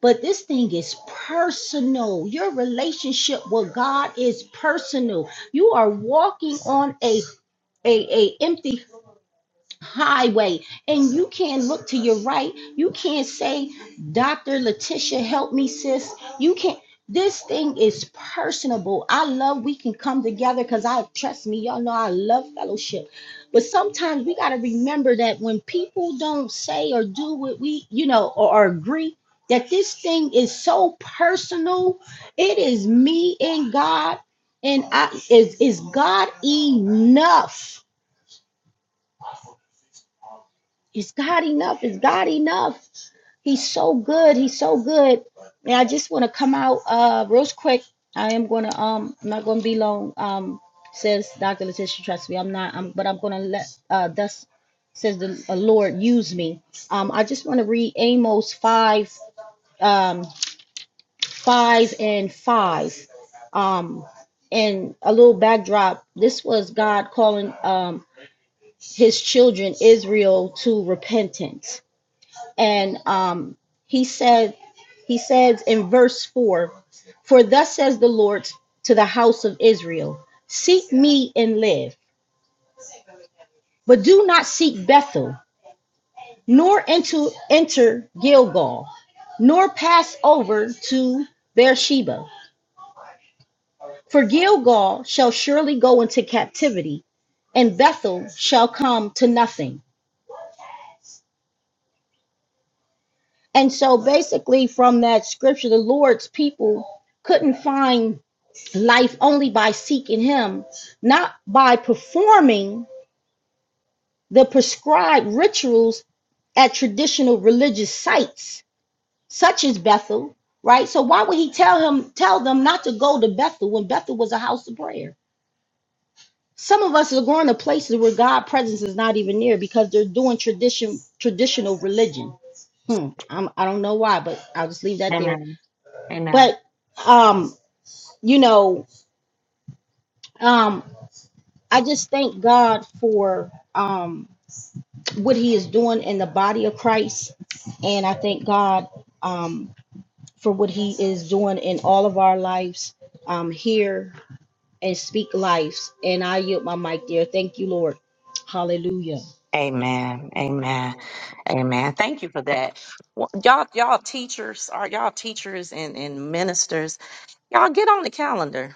Speaker 9: but this thing is personal. Your relationship with God is personal. You are walking on a a, a empty highway and you can't look to your right you can't say dr letitia help me sis you can't this thing is personable i love we can come together because i trust me y'all know i love fellowship but sometimes we got to remember that when people don't say or do what we you know or, or agree that this thing is so personal it is me and god and i is is god enough Is God enough? Is God enough? He's so good. He's so good. And I just want to come out uh real quick. I am gonna um I'm not gonna be long. Um says Dr. Letitia, trust me, I'm not I'm but I'm gonna let uh thus says the uh, Lord use me. Um I just want to read Amos five um five and five. Um and a little backdrop. This was God calling um his children Israel to repentance and um, he said he says in verse 4 for thus says the lord to the house of israel seek me and live but do not seek bethel nor into enter gilgal nor pass over to beersheba for gilgal shall surely go into captivity and bethel shall come to nothing And so basically, from that scripture, the Lord's people couldn't find life only by seeking Him, not by performing the prescribed rituals at traditional religious sites, such as Bethel, right? So why would he tell him tell them not to go to Bethel when Bethel was a house of prayer? Some of us are going to places where God presence is not even near because they're doing tradition traditional religion. Hmm. I'm, I don't know why, but I'll just leave that there.
Speaker 1: Amen. Amen.
Speaker 9: but um you know um i just thank god for um what he is doing in the body of christ and i thank god um for what he is doing in all of our lives um here and speak lives and i yield my mic there thank you lord hallelujah
Speaker 1: Amen. Amen. Amen. Thank you for that. Well, Y'all, y'all teachers are y'all teachers and, and ministers. Y'all get on the calendar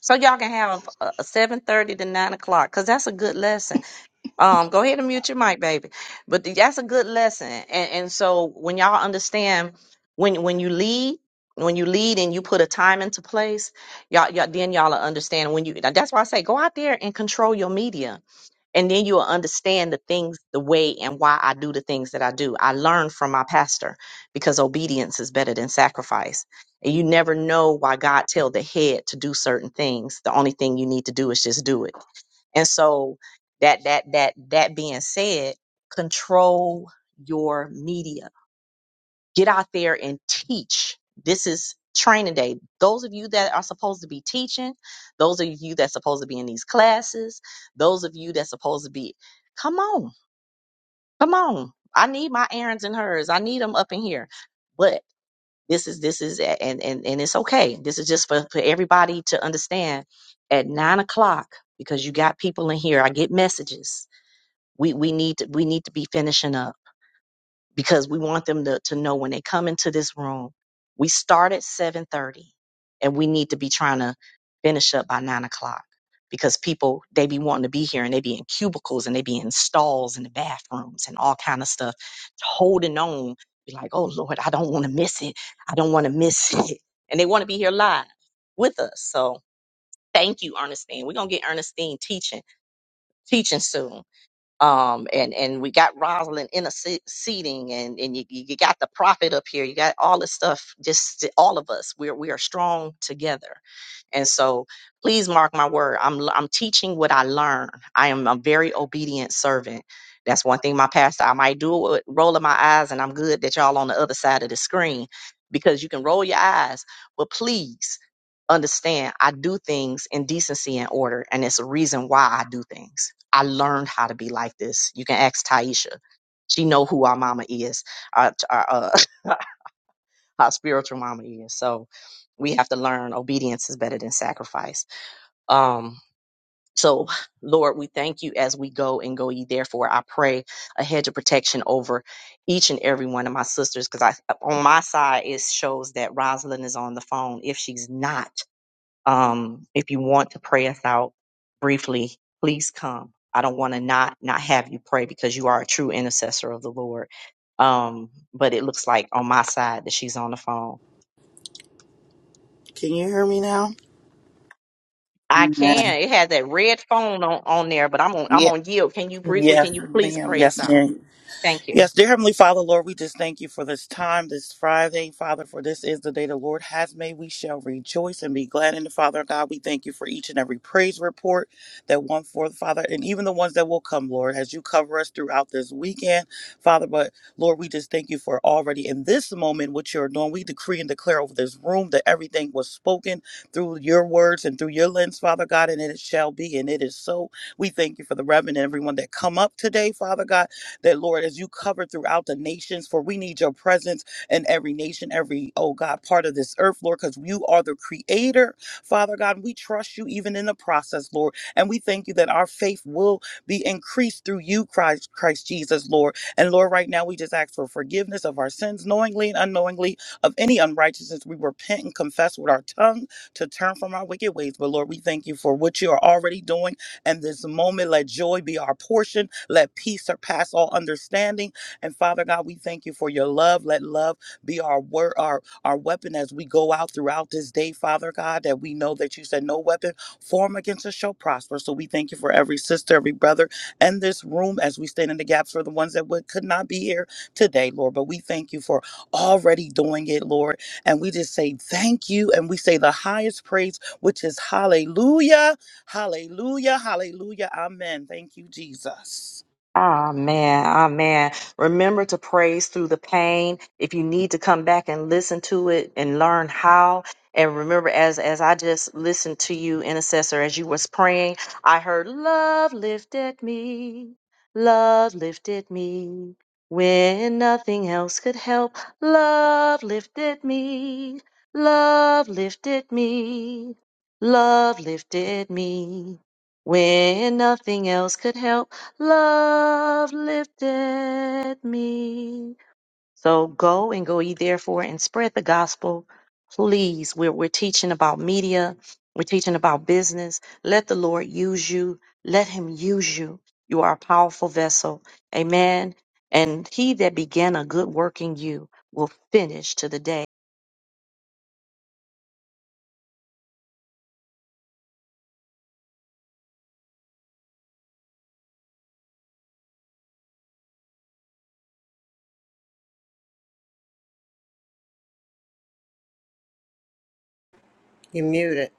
Speaker 1: so y'all can have a seven thirty to nine o'clock because that's a good lesson. Um, go ahead and mute your mic, baby. But th- that's a good lesson. And and so when y'all understand when when you lead, when you lead and you put a time into place, y'all, y'all then y'all will understand when you that's why I say go out there and control your media. And then you'll understand the things, the way and why I do the things that I do. I learned from my pastor because obedience is better than sacrifice. And you never know why God tell the head to do certain things. The only thing you need to do is just do it and so that that that that being said, control your media. Get out there and teach. This is training day. Those of you that are supposed to be teaching, those of you that's supposed to be in these classes, those of you that's supposed to be come on. Come on. I need my errands and hers. I need them up in here. But this is this is and and and it's okay. This is just for, for everybody to understand at nine o'clock because you got people in here. I get messages we we need to, we need to be finishing up because we want them to, to know when they come into this room. We start at seven thirty, and we need to be trying to finish up by nine o'clock because people they be wanting to be here and they be in cubicles and they be in stalls and the bathrooms and all kind of stuff, holding on. Be like, oh Lord, I don't want to miss it. I don't want to miss it, and they want to be here live with us. So thank you, Ernestine. We're gonna get Ernestine teaching teaching soon um and and we got Rosalind interceding and and you, you got the prophet up here you got all this stuff just th- all of us we're we are strong together and so please mark my word i'm l- i'm teaching what i learn i am a very obedient servant that's one thing my pastor i might do it with rolling my eyes and i'm good that y'all on the other side of the screen because you can roll your eyes but please understand i do things in decency and order and it's a reason why i do things I learned how to be like this. You can ask Taisha. She know who our mama is, our our, uh, our spiritual mama is. So we have to learn obedience is better than sacrifice. Um, so Lord, we thank you as we go and go ye therefore. I pray a hedge of protection over each and every one of my sisters because I on my side it shows that Rosalind is on the phone. If she's not, um, if you want to pray us out briefly, please come. I don't want to not not have you pray because you are a true intercessor of the Lord. Um, but it looks like on my side that she's on the phone.
Speaker 10: Can you hear me now?
Speaker 1: I
Speaker 10: Amen.
Speaker 1: can. It had that red phone on, on there, but I'm on I'm
Speaker 10: Yeah.
Speaker 1: on yield. Can you briefly? Can
Speaker 10: Yes,
Speaker 1: you please
Speaker 10: ma'am.
Speaker 1: pray us
Speaker 10: Yes,
Speaker 1: out?
Speaker 10: ma'am.
Speaker 1: Thank you.
Speaker 10: Yes, dear Heavenly Father, Lord, we just thank you for this time, this Friday, Father, for this is the day the Lord has made. We shall rejoice and be glad in the Father God. We thank you for each and every praise report that went forth, Father, and even the ones that will come, Lord, as you cover us throughout this weekend, Father. But Lord, we just thank you for already in this moment what you're doing. We decree and declare over this room that everything was spoken through your words and through your lens, Father God, and it shall be, and it is so. We thank you for the Reverend and everyone that come up today, Father God. That, Lord, as you cover throughout the nations, for we need your presence in every nation, every, oh God, part of this earth, Lord, because you are the creator. Father God, we trust you even in the process, Lord. And we thank you that our faith will be increased through you, Christ, Christ Jesus, Lord. And Lord, right now we just ask for forgiveness of our sins, knowingly and unknowingly, of any unrighteousness. We repent and confess with our tongue to turn from our wicked ways. But Lord, we thank you for what you are already doing and this moment, let joy be our portion. Let peace surpass all understanding. And Father God, we thank you for your love. Let love be our word, our, our weapon as we go out throughout this day, Father God, that we know that you said no weapon form against us shall prosper. So we thank you for every sister, every brother, and this room as we stand in the gaps for the ones that would, could not be here today, Lord. But we thank you for already doing it, Lord. And we just say thank you. And we say the highest praise, which is hallelujah. Hallelujah, hallelujah, amen. Thank you, Jesus.
Speaker 1: Amen. Amen. Remember to praise through the pain. If you need to come back and listen to it and learn how. And remember, as as I just listened to you, intercessor, as you was praying, I heard love lifted me. Love lifted me. When nothing else could help, love lifted me. Love lifted me. Love lifted me. When nothing else could help. Love lifted me. So go and go ye therefore and spread the gospel. Please, we're, we're teaching about media. We're teaching about business. Let the Lord use you. Let him use you. You are a powerful vessel. Amen. And he that began a good work in you will finish to the day
Speaker 4: You muted.